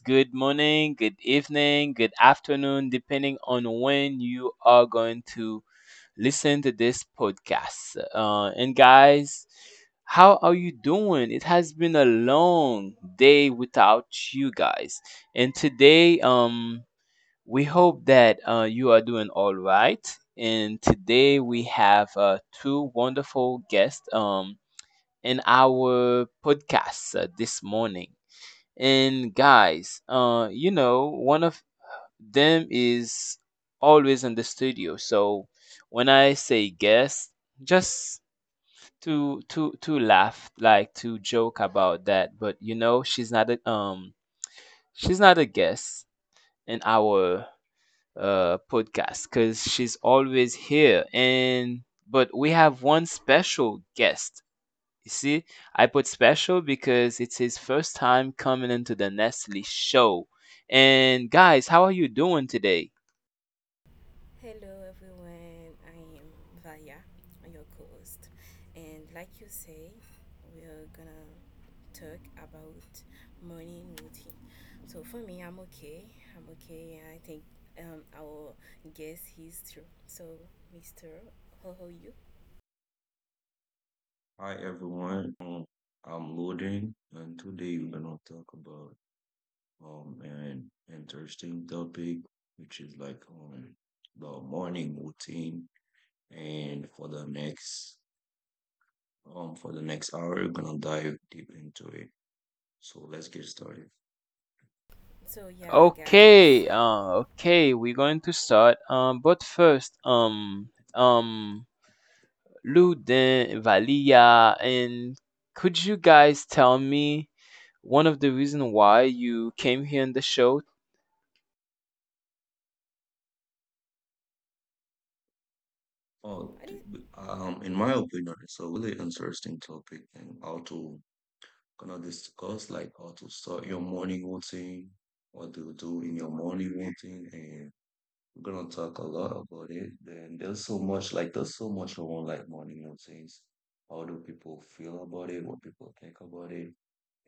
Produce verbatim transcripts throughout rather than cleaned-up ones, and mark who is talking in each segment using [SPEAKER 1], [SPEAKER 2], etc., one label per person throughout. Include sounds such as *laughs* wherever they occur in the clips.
[SPEAKER 1] Good morning, good evening, good afternoon, depending on when you are going to listen to this podcast. Uh, and guys, how are you doing? It has been a long day without you guys. And today, um, we hope that uh, you are doing all right. And today we have uh, two wonderful guests. Um, in our podcast uh, this morning. And guys, uh, you know, one of them is always in the studio. So when I say guest, just to to to laugh, like to joke about that. But you know, she's not a um, she's not a guest in our uh podcast because she's always here. And but we have one special guest. You see, I put special because it's his first time coming into the Nestle show. And guys, how are you doing today?
[SPEAKER 2] Hello everyone, I am Vaya, your co-host, and like you say, we're gonna talk about morning routine. So for me, I'm okay. I'm okay, and I think um, our guest is too. So, Mister, how are you?
[SPEAKER 3] Hi, everyone. Um, I'm Loden, and today we're gonna talk about um an interesting topic, which is like um the morning routine. And for the next um for the next hour, we're gonna dive deep into it. So let's get started.
[SPEAKER 2] So yeah, guys,
[SPEAKER 1] Okay, uh, okay, we're going to start. Um, but first, um, um, Luden, Valia, and could you guys tell me one of the reason why you came here in the show?
[SPEAKER 3] Oh,
[SPEAKER 2] I
[SPEAKER 3] t-
[SPEAKER 2] think
[SPEAKER 3] b- um, in my opinion, it's a really interesting topic, and how to gonna discuss like how to start your morning routine, what do you do in your morning routine, and. We're gonna talk a lot about it. Then there's so much like there's so much around like morning routines. How do people feel about it? What people think about it?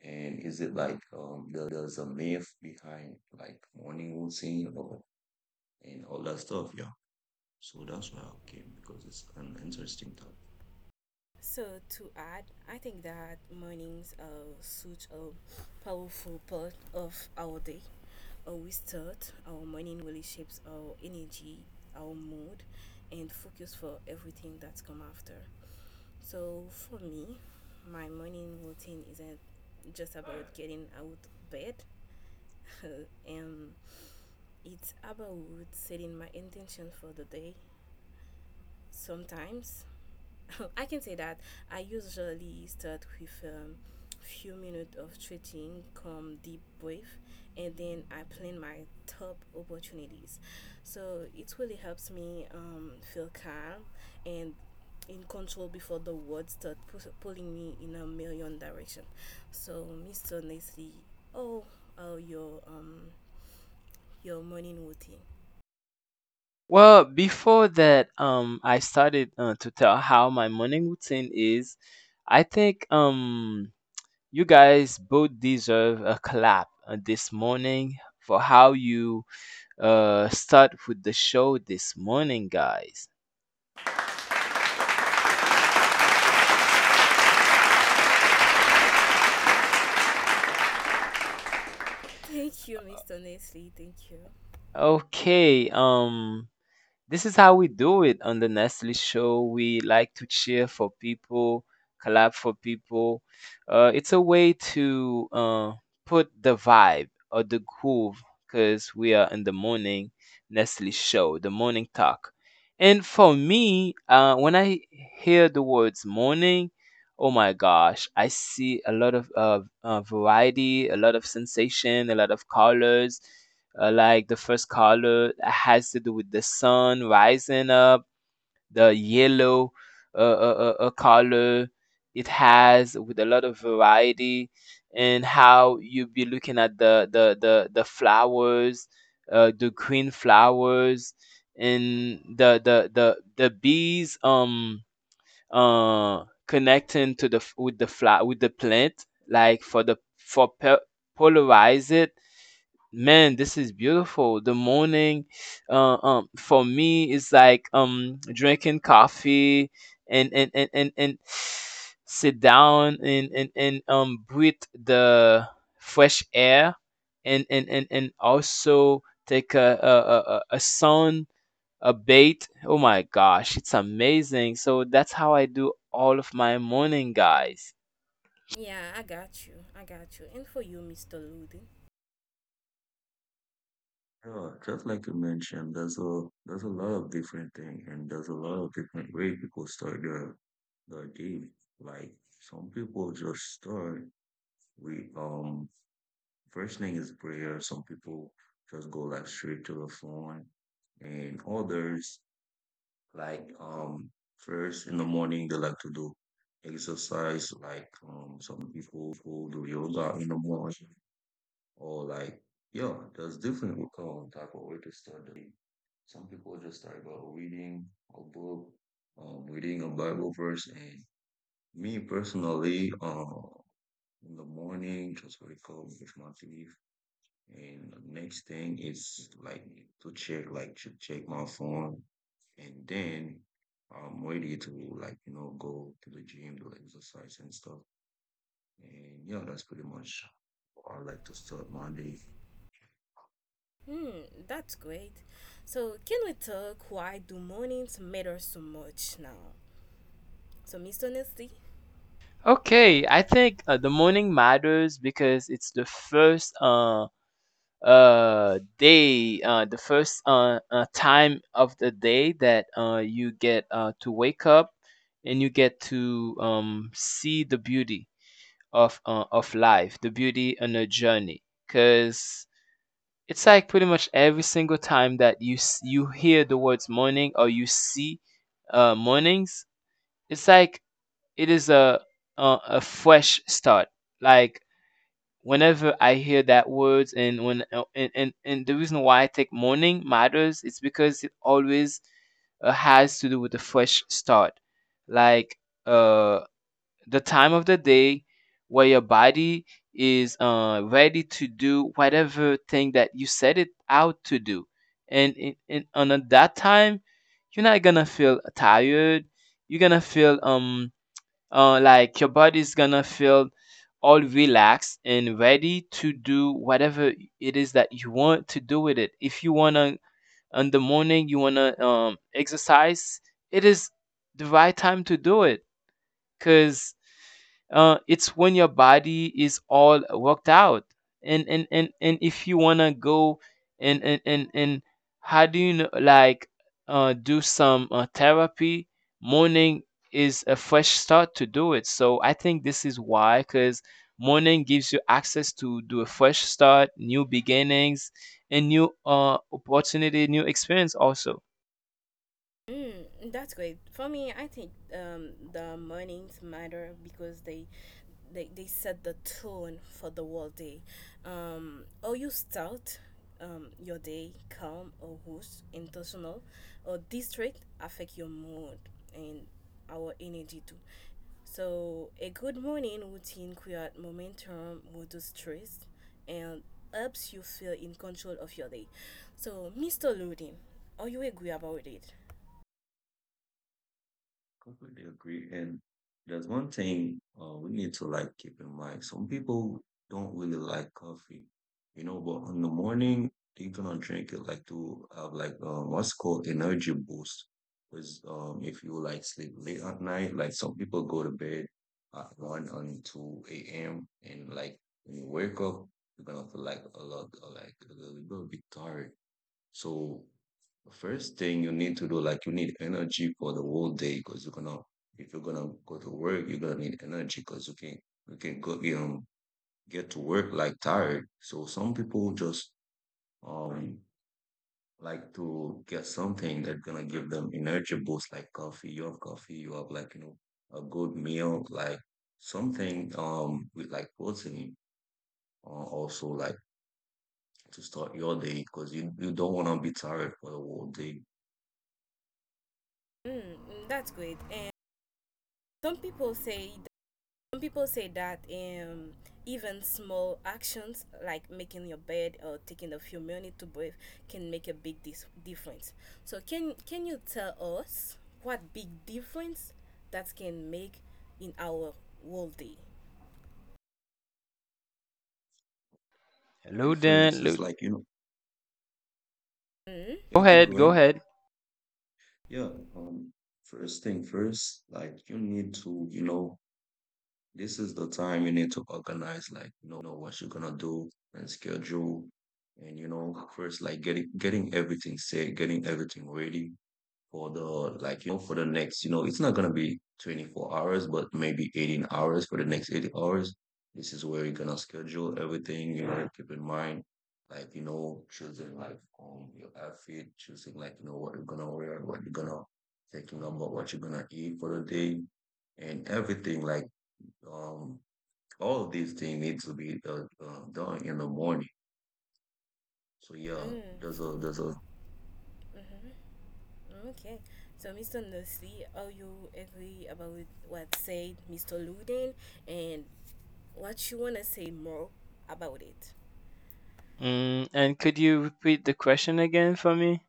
[SPEAKER 3] And is it like um there's a myth behind like morning routine or and all that stuff? Yeah. So that's why I came, because it's an interesting topic.
[SPEAKER 2] so to add, I think that mornings are such a powerful part of our day. Always thought our morning really shapes our energy, our mood, and focus for everything that's come after. So for me, my morning routine isn't just about getting out of bed, *laughs* and it's about setting my intention for the day. Sometimes *laughs* I can say that I usually start with um, few minutes of stretching, come deep breath, and then I plan my top opportunities. So it really helps me um, feel calm and in control before the words start pu- pulling me in a million direction. So, mister Nestle, oh, oh your um your morning routine.
[SPEAKER 1] Well, before that, um, I started uh, to tell how my morning routine is. I think um you guys both deserve a clap uh, this morning for how you uh, start with the show this morning, guys.
[SPEAKER 3] Appreciate it.
[SPEAKER 2] *laughs* Thank you, mister Nestle. Thank you.
[SPEAKER 1] Okay, um, this is how we do it on the Nestle show. We like to cheer for people, clap for people. Uh, it's a way to uh, put the vibe or the groove because we are in the morning Nestle show, the morning talk. And for me, uh, when I hear the words morning, oh my gosh, I see a lot of uh, uh, variety, a lot of sensation, a lot of colors, uh, like the first color has to do with the sun rising up, the yellow uh, uh, uh, uh, color it has, with a lot of variety, and how you be looking at the the the, the flowers, uh, the green flowers, and the the the the bees um uh connecting to the f- with the fly with the plant, like for the for pe- polarize it. Man, this is beautiful. The morning, uh, um, for me is like um drinking coffee, and and and and, and *sighs* sit down, and, and and um breathe the fresh air, and and and, and also take a a, a a a sun a bait. Oh my gosh, it's amazing. So that's how I do all of my morning, guys.
[SPEAKER 2] Yeah, I got you. I got you. And for you, mister Ludin.
[SPEAKER 3] Yeah, just like you mentioned, there's a there's a lot of different things, and there's a lot of different way people start their their day. Like some people just start. We um First thing is prayer. Some people just go like straight to the phone, and others like um first in the morning they like to do exercise. Like um some people do yoga in the morning, or like yeah, there's different um, type of way to start the day. Some people just start by reading a book, um, reading a Bible verse, and me personally, uh, in the morning, just wake up, brush my teeth. And the next thing is like to check, like to check my phone, and then I'm ready to like you know go to the gym, do exercise and stuff. And yeah, that's pretty much how I like to start Monday.
[SPEAKER 2] Hmm, that's great. So, can we talk why do mornings matter so much now? So, Miss Honesty,
[SPEAKER 1] Okay, I think uh, the morning matters because it's the first uh uh day, uh the first uh, uh time of the day that uh you get uh to wake up, and you get to um see the beauty of, uh, of life, the beauty on a journey, because it's like pretty much every single time that you s- you hear the words morning or you see uh mornings, it's like it is a a, a fresh start. Like, whenever I hear that words, and when uh, and, and and the reason why I take morning matters, it's because it always uh, has to do with a fresh start, like uh the time of the day where your body is uh ready to do whatever thing that you set it out to do, and in, in, on that time you're not gonna feel tired. You're gonna feel um uh, like your body's gonna feel all relaxed and ready to do whatever it is that you want to do with it. If you wanna in the morning you wanna um, exercise, it is the right time to do it because uh, it's when your body is all worked out, and and and, and if you want to go and, and and and how do you know, like uh, do some uh, therapy, morning is a fresh start to do it. So I think this is why, because morning gives you access to do a fresh start, new beginnings, and new uh, opportunity, new experience. Also,
[SPEAKER 2] Mm, that's great. For me, I think um, the mornings matter because they, they they set the tone for the whole day. Um, or you start um, your day calm or whoosh, intentional, or district affect your mood and our energy too. So a good morning routine creates momentum, reduces stress, and helps you feel in control of your day. So, mister Lodin, are you agree about it?
[SPEAKER 3] Completely agree. And there's one thing uh, we need to like keep in mind. Some people don't really like coffee, you know, but in the morning they're gonna drink it like to have like um, what's called energy boost. Because um, if you like sleep late at night, like some people go to bed at one and two a m, and like when you wake up, you're gonna feel like a lot, like a little bit tired. So the first thing you need to do, like you need energy for the whole day, because you're gonna if you're gonna go to work, you're gonna need energy, because you can you can go you know get to work like tired. So some people just um like to get something that's gonna give them energy boost like coffee. You have coffee, you have like you know a good meal, like something um with like protein uh, also, like to start your day, because you, you don't wanna be tired for the whole day.
[SPEAKER 2] Mm, mm, that's great. And some people say some people say that um, even small actions like making your bed or taking a few minutes to breathe can make a big dis- difference. So can can you tell us what big difference that can make in our whole day?
[SPEAKER 1] hello Dan.
[SPEAKER 3] Difference is
[SPEAKER 1] Lu-
[SPEAKER 3] like you know.
[SPEAKER 2] Mm?
[SPEAKER 1] go
[SPEAKER 3] Yeah, keep
[SPEAKER 1] ahead, go
[SPEAKER 3] going.
[SPEAKER 1] ahead.
[SPEAKER 3] Yeah. Um, First thing first, like you need to, you know, this is the time you need to organize, like, you know, what you're gonna do and schedule. And you know, first like getting getting everything set, getting everything ready for the like you know for the next you know it's not gonna be twenty-four hours, but maybe eighteen hours, for the next eighty hours. This is where you're gonna schedule everything, you know, keep in mind like you know choosing like um your outfit, choosing like you know what you're gonna wear, what you're gonna thinking about what you're gonna eat for the day, and everything like um all of these things need to be uh, uh, done in the morning. So yeah,
[SPEAKER 2] Mm,
[SPEAKER 3] there's a there's a
[SPEAKER 2] mm-hmm. Okay. So, mister Nursley, are you agree about what said mister Luden and what you want to say more about it?
[SPEAKER 1] Mm, and could you repeat the question again for me?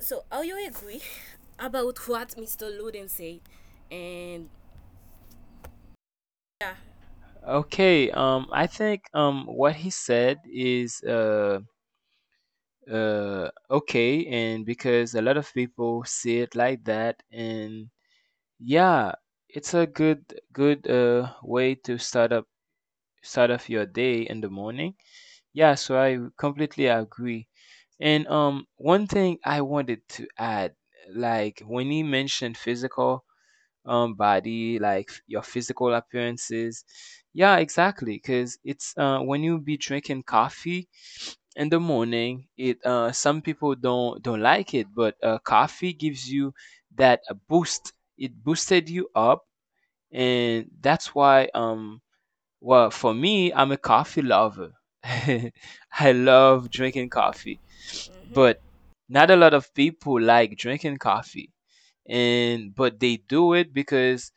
[SPEAKER 2] So, are you agree *laughs* about what mister Loden said? And yeah,
[SPEAKER 1] Okay, um, I think um, what he said is uh, uh, okay, and because a lot of people see it like that, and yeah, it's a good good uh, way to start up start off your day in the morning. Yeah, so I completely agree. And um, one thing I wanted to add, like when he mentioned physical um body, like f- your physical appearances. Yeah, exactly, because it's uh when you be drinking coffee in the morning, it uh some people don't don't like it, but uh coffee gives you that uh, boost, it boosted you up. And that's why, um well, for me, I'm a coffee lover. *laughs* I love drinking coffee, but
[SPEAKER 2] hmm
[SPEAKER 1] not a lot of people like drinking coffee. And but they do it because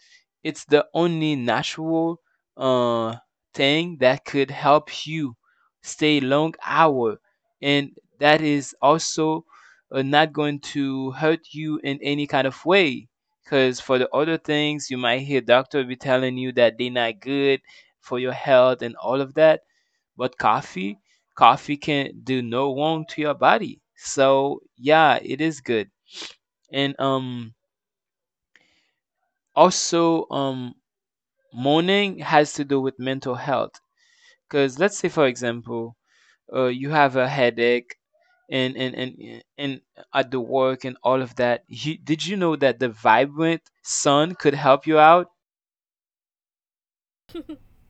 [SPEAKER 1] it's the only natural uh thing that could help you stay long hour, and that is also uh, not going to hurt you in any kind of way, because for the other things you might hear doctor be telling you that they not good for your health and all of that. But coffee, coffee can do no wrong to your body. So yeah, it is good. And um also um morning has to do with mental health. Cause let's say for example, uh, you have a headache, and and, and and at the work and all of that. You, did you know that the vibrant sun could help you out?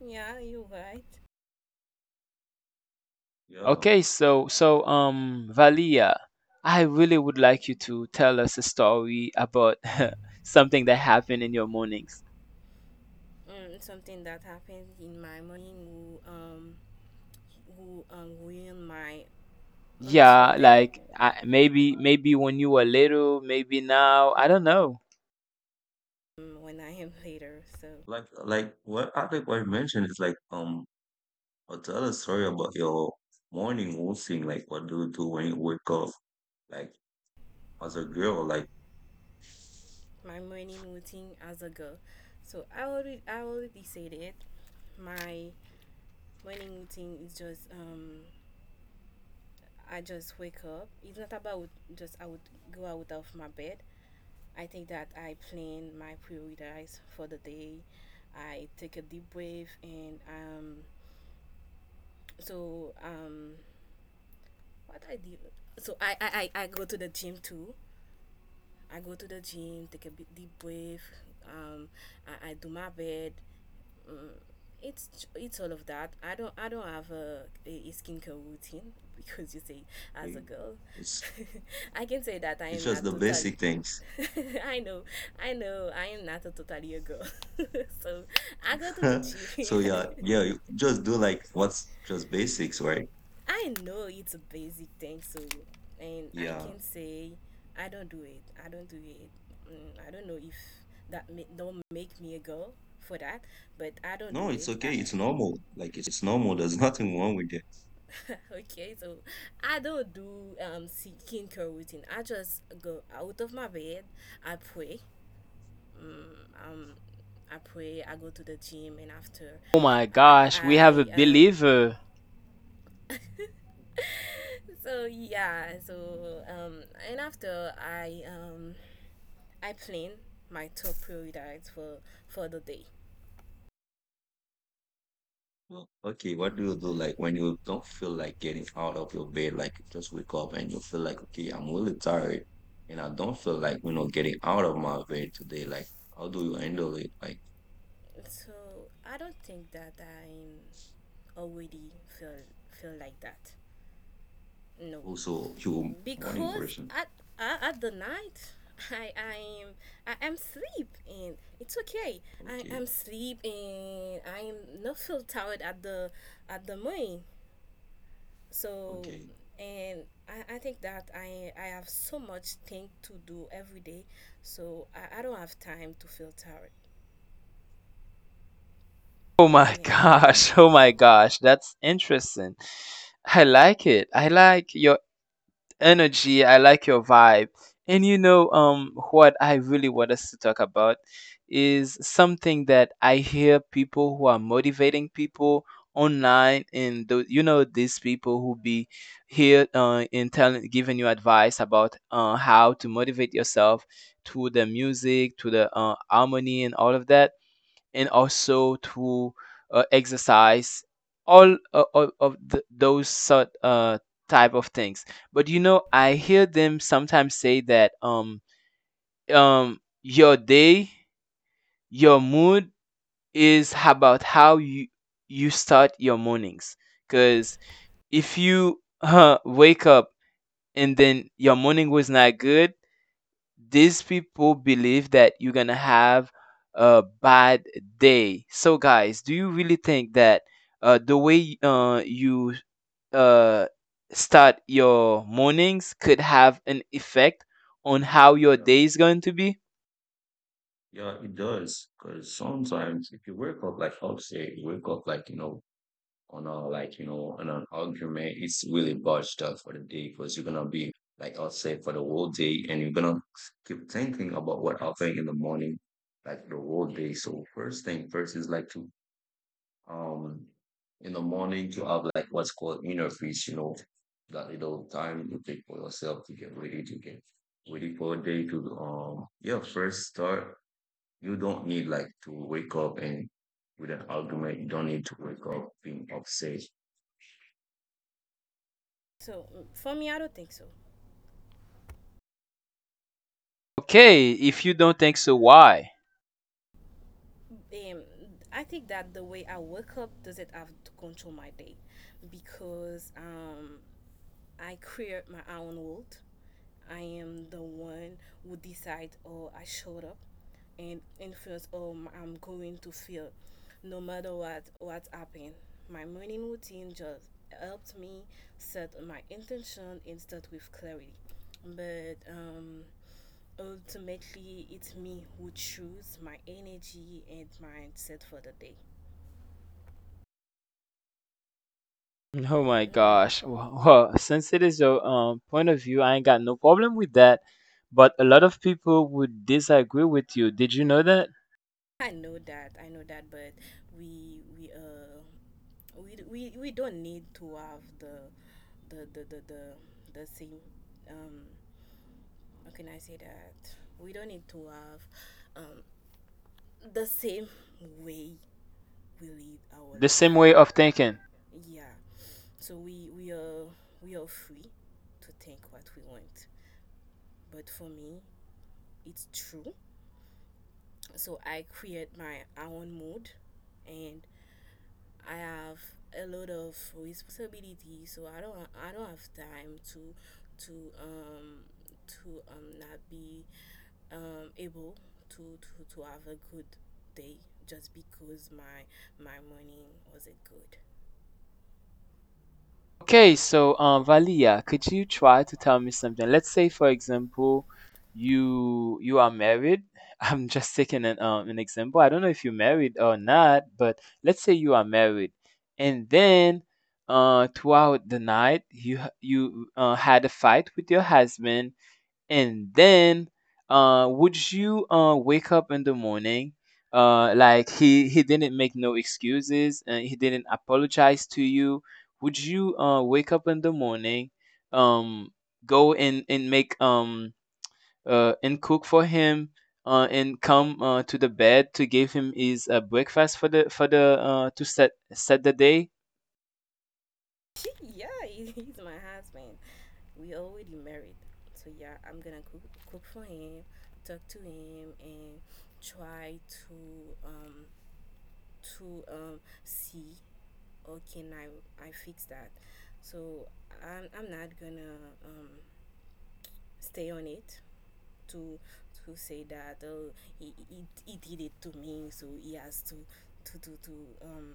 [SPEAKER 2] yeah, you're right.
[SPEAKER 3] yeah
[SPEAKER 1] Okay, so so um Valia, I really would like you to tell us a story about *laughs* something that happened in your mornings.
[SPEAKER 2] Mm, something that happened in my morning will um will um ruin my until
[SPEAKER 1] Yeah,
[SPEAKER 2] day
[SPEAKER 1] like I, maybe maybe when you were little, maybe now, I don't know.
[SPEAKER 2] um, when I am *laughs* later. So
[SPEAKER 3] like like what I think what you mentioned is like um or tell a story about your morning routine. Like, what do you do when you wake up? Like, as a girl, like,
[SPEAKER 2] my morning routine as a girl. So I already I already said it. My morning routine is just um I just wake up. It's not about just I would go out of my bed. I think that I plan my priorities for the day. I take a deep breath and um so um what I do so I I, I I go to the gym too. I go to the gym, take a big deep breath, um I, I do my bed, mm, it's it's all of that. I don't I don't have a, a skincare routine *laughs* because you say as a
[SPEAKER 3] it-
[SPEAKER 2] girl,
[SPEAKER 3] it's
[SPEAKER 2] *laughs* I can say that I
[SPEAKER 3] it's
[SPEAKER 2] am
[SPEAKER 3] just
[SPEAKER 2] not
[SPEAKER 3] the
[SPEAKER 2] totally.
[SPEAKER 3] basic things.
[SPEAKER 2] *laughs* I know, I know, I am not a totally a girl. *laughs* So I go to the
[SPEAKER 3] *laughs*
[SPEAKER 2] gym.
[SPEAKER 3] So yeah, yeah, you just do like what's just basics, right?
[SPEAKER 2] *laughs* I know it's a basic thing, so and I
[SPEAKER 3] Yeah.
[SPEAKER 2] can say I don't do it. I don't do it. Mm, I don't know if that ma- don't make me a girl for that, but I don't
[SPEAKER 3] No,
[SPEAKER 2] do
[SPEAKER 3] it's
[SPEAKER 2] it. I,
[SPEAKER 3] okay. It's normal. Like, it's normal. There's *laughs* nothing wrong with it.
[SPEAKER 2] *laughs* okay, so I don't do um si- skincare routine. I just go out of my bed. I pray. Mm, um, I pray. I go to the gym, and after,
[SPEAKER 1] Oh my
[SPEAKER 2] I,
[SPEAKER 1] gosh, we have a
[SPEAKER 2] I I, um.
[SPEAKER 1] believer.
[SPEAKER 2] *laughs* So yeah, so um, and after I um, I plan my top priorities for for the day.
[SPEAKER 3] Well, okay, what do you do like when you don't feel like getting out of your bed? Like, you just wake up and you feel like, okay, I'm really tired, and I don't feel like you know getting out of my bed today. Like, how do you handle it? Like
[SPEAKER 2] So I don't think that I'm already feel feel like that. No.
[SPEAKER 3] also, you morning
[SPEAKER 2] Because
[SPEAKER 3] person.
[SPEAKER 2] at at at the night I I'm I am sleep and it's okay. I
[SPEAKER 3] Okay,
[SPEAKER 2] am sleep and I am not feel tired at the at the morning. So
[SPEAKER 3] okay,
[SPEAKER 2] and I, I think that I I have so much thing to do every day. So I, I don't have time to feel tired.
[SPEAKER 1] Oh my *laughs*
[SPEAKER 2] Yeah.
[SPEAKER 3] okay.
[SPEAKER 1] gosh,
[SPEAKER 3] s-
[SPEAKER 1] oh my gosh, that's interesting. I like it. I like your energy. I like your vibe. And you know, um, what I really want us to talk about is something that I hear people who are motivating people online, and tho- you know, these people who be here uh, in telling, giving you advice about uh, how to motivate yourself to the music, to the uh, harmony, and all of that, and also to uh, exercise all uh, of, of th- those sort uh, type of things. But you know, I hear them sometimes say that um um your day, your mood is about how you you start your mornings, because if you *laughs* uh, wake up and then your morning was not good, these people believe that you're gonna have a bad day. So, guys, do you really think that uh, the way uh, you uh, start your mornings could have an effect on how your
[SPEAKER 3] Yeah,
[SPEAKER 1] day is going to be?
[SPEAKER 3] yeah, it does. Because sometimes if you wake up, like I'll say, you wake up like you know on a like you know on an argument, it's really botched up for the day, because you're gonna be like I'll say for the whole day, and you're gonna keep thinking about what happened in the morning, like the whole day. So first thing first is like to um in the morning to have like what's called inner peace, you know, that little time you take for yourself to get ready, to get ready for a day, to um yeah, first start. You don't need like to wake up and with an argument, you don't need to wake up being upset.
[SPEAKER 2] So mm, for me, I don't think so.
[SPEAKER 1] Okay, if you don't think so, why?
[SPEAKER 2] Um, I think that the way I wake up doesn't have to control my day, because um, I create my own world. I am the one who decide or I showed up and influence or I'm going to feel no matter what what's happened. My morning routine just helped me set my intention and start with clarity. But um, ultimately, it's me who choose my energy and mindset for the day.
[SPEAKER 1] Oh my
[SPEAKER 2] Hmm,
[SPEAKER 1] gosh. Well, *laughs* since it is your um, point of view, I ain't got no problem with that. But a lot of people would disagree with you. Did you know that?
[SPEAKER 2] I know that, I know that, but we we uh we, we we don't need to have the the the the the, the same um how can I say that we don't need to have um the same way we live our
[SPEAKER 1] The
[SPEAKER 2] life.
[SPEAKER 1] same way of thinking.
[SPEAKER 2] Yeah, so we we are we are free to think what we want, but for me it's true, so I create my own mood and I have a lot of responsibility, so I don't I don't have time to to um to um not be um able to to, to have a good day just because my my morning wasn't good.
[SPEAKER 1] Okay, so um, Valia, could you try to tell me something? Let's say, for example, you you are married. *laughs* I'm just taking an um, an example. I don't know if you're married or not, but let's say you are married, and then uh, throughout the night you h- you uh, had a fight with your husband, and then, uh, would you uh, wake up in the morning? Uh, like, he he didn't make no excuses and he didn't apologize to you. Would you uh, wake up in the morning, um, go and and make um uh, and cook for him, uh, and come uh, to the bed to give him his uh, breakfast for the for the uh, to set set the day?
[SPEAKER 2] *laughs* Yeah, he- he's my husband. We already married, so yeah, I'm gonna cook cook for him, talk to him, and try to um to um see okay now I fixed that so i'm, I'm not gonna um, stay on it to to say that oh he, he, he did it to me so he has to to to, to um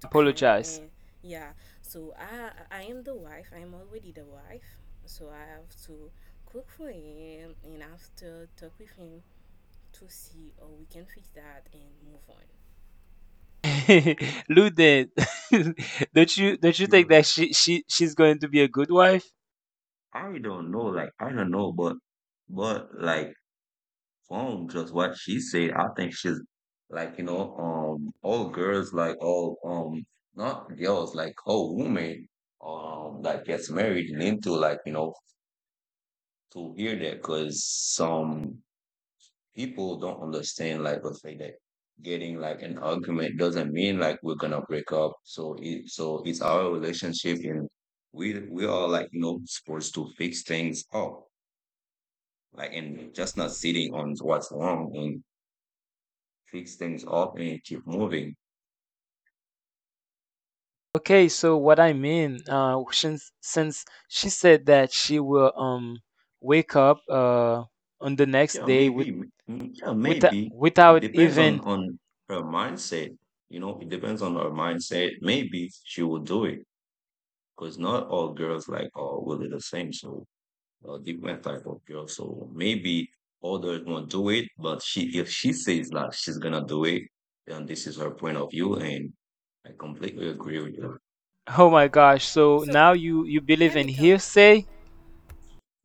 [SPEAKER 2] to come
[SPEAKER 1] Apologize.
[SPEAKER 2] and yeah so i i am the wife, I'm already the wife, so I have to cook for him and after talk with him to see how we can fix that and move on,
[SPEAKER 1] *laughs* Luden, *laughs* don't you don't you
[SPEAKER 3] You
[SPEAKER 1] think
[SPEAKER 3] know,
[SPEAKER 1] that she she she's going to be a good wife?
[SPEAKER 3] I don't know, like I don't know, but but like from just what she said, I think she's like, you know, um, all girls, like all, um, not girls, like all women, um, that gets married and into like, you know, to hear that, because some people don't understand, like, let's say that getting like an argument doesn't mean like we're gonna break up. So it, so it's our relationship, and we, we are like, you know, supposed to fix things up, like, and just not sitting on what's wrong, and fix things up and keep moving.
[SPEAKER 1] Okay, so what I mean, uh, since since she said that she will um wake up uh on the next
[SPEAKER 3] Yeah,
[SPEAKER 1] day, with
[SPEAKER 3] maybe. m- Yeah,
[SPEAKER 1] with
[SPEAKER 3] maybe. It
[SPEAKER 1] without
[SPEAKER 3] depends on
[SPEAKER 1] even,
[SPEAKER 3] on her mindset. You know, it depends on her mindset. Maybe she will do it, because not all girls like are really the same. So uh, different type of girls. So maybe others won't do it, but she if she says that she's gonna do it, then this is her point of view, and I completely agree with you.
[SPEAKER 1] oh my gosh, so
[SPEAKER 2] so
[SPEAKER 1] now you you believe
[SPEAKER 2] let
[SPEAKER 1] in
[SPEAKER 2] me tell.
[SPEAKER 1] hearsay?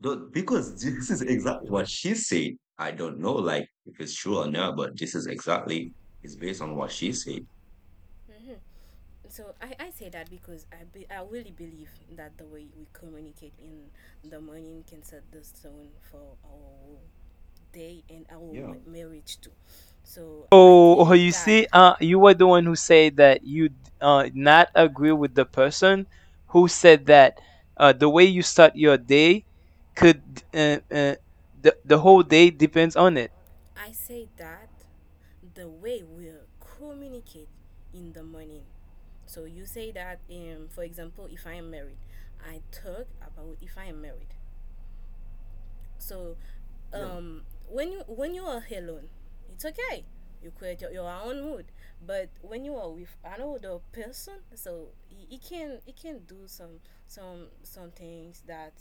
[SPEAKER 3] No, because this is exactly what she said. I don't know, like if it's true or not, but this is exactly it's based on what she said.
[SPEAKER 2] Mhm. So, I, I say that because I, be, I really believe that the way we communicate in the morning can set the stone for our day and our
[SPEAKER 3] Yeah,
[SPEAKER 2] ma- marriage too. So I
[SPEAKER 1] Oh, oh,
[SPEAKER 2] think
[SPEAKER 1] you
[SPEAKER 2] that
[SPEAKER 1] see, uh, you were the one who said that you d- uh, not agree with the person who said that uh, the way you start your day, could uh, uh, the the whole day depends on it.
[SPEAKER 2] I say that the way we communicate in the morning. So you say that, um, for example, if I am married, I talk about if I am married. So,
[SPEAKER 3] yeah,
[SPEAKER 2] um, when you when you are alone, it's okay. You create your, your own mood. But when you are with another person, so he, he can he can do some some some things that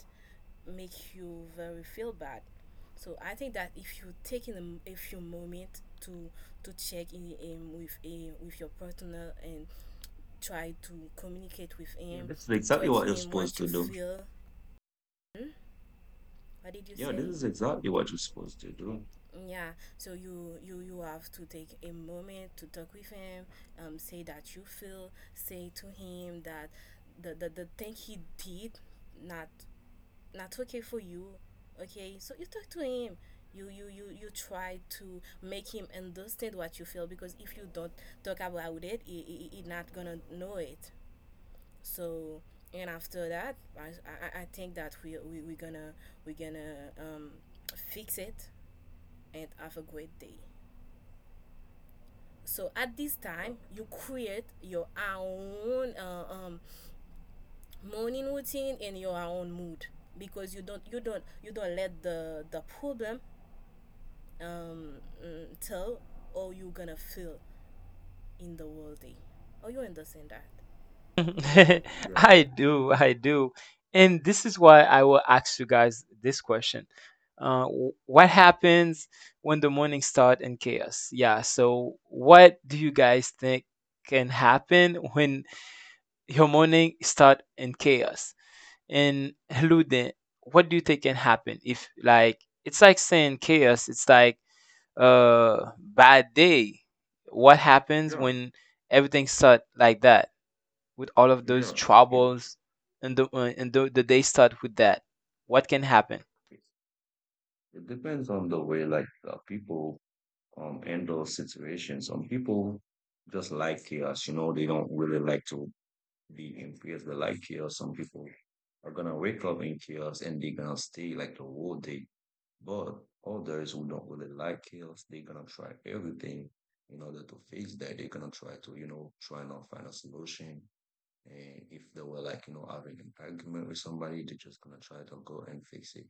[SPEAKER 2] make you very feel bad. So I think that if you take in a, m- a few moments to to check in him with a with your partner and try to communicate with
[SPEAKER 3] yeah.
[SPEAKER 2] him,
[SPEAKER 3] This is exactly
[SPEAKER 2] talk
[SPEAKER 3] what you're
[SPEAKER 2] him
[SPEAKER 3] supposed
[SPEAKER 2] what you
[SPEAKER 3] to do.
[SPEAKER 2] feel. Hmm? What did you
[SPEAKER 3] Yeah, this
[SPEAKER 2] say?
[SPEAKER 3] is exactly what you're supposed to do.
[SPEAKER 2] Yeah, so you you you have to take a moment to talk with him, um, say that you feel, say to him that the the, the thing he did not not okay for you. Okay, so you talk to him. You, you you you try to make him understand what you feel because if you don't talk about it, he, he, he not gonna know it. So and after that, I, I, I think that we we we gonna we gonna um, fix it and have a great day. So at this time, you create your own uh, um, morning routine and your own mood because you don't you don't you don't let the the problem um, mm, tell how you gonna feel in the whole day. Oh, you understand that?
[SPEAKER 1] *laughs*
[SPEAKER 3] Yeah,
[SPEAKER 1] I do, I do, and this is why I will ask you guys this question: uh, w- what happens when the morning start in chaos? Yeah, so what do you guys think can happen when your morning start in chaos? And Ludin, what do you think can happen if, like, it's like saying chaos, it's like a bad day. What happens
[SPEAKER 3] yeah,
[SPEAKER 1] when everything start like that with all of those
[SPEAKER 3] yeah. It,
[SPEAKER 1] troubles and the uh, and the, the day start with that? What can happen?
[SPEAKER 3] it, it depends on the way like uh, people um handle situations. Some people just like chaos. You know, they don't really like to be in chaos. They like chaos. Some people are gonna wake up in chaos and they're gonna stay like the whole day. But others who don't really like health, they're gonna try everything in order to fix that. They're gonna try to, you know, try and find a solution. And if they were like, you know, having an argument with somebody, they're just gonna try to go and fix it.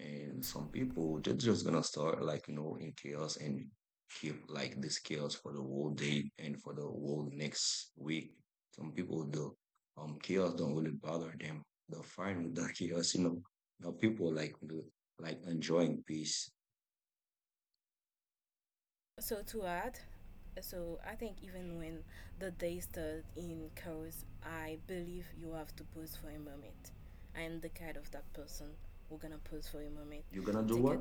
[SPEAKER 3] And some people, they're just gonna start like, you know, in chaos and keep like this chaos for the whole day and for the whole next week. Some people the Um, chaos don't really bother them. They're fine with *laughs* the chaos, you know. Now people like the- like enjoying peace.
[SPEAKER 2] So to add, so I think even when the day starts in chaos, I believe you have to pause for a moment. I am the kind of that person who gonna pause for a moment,
[SPEAKER 3] You're gonna do
[SPEAKER 2] take
[SPEAKER 3] what?
[SPEAKER 2] a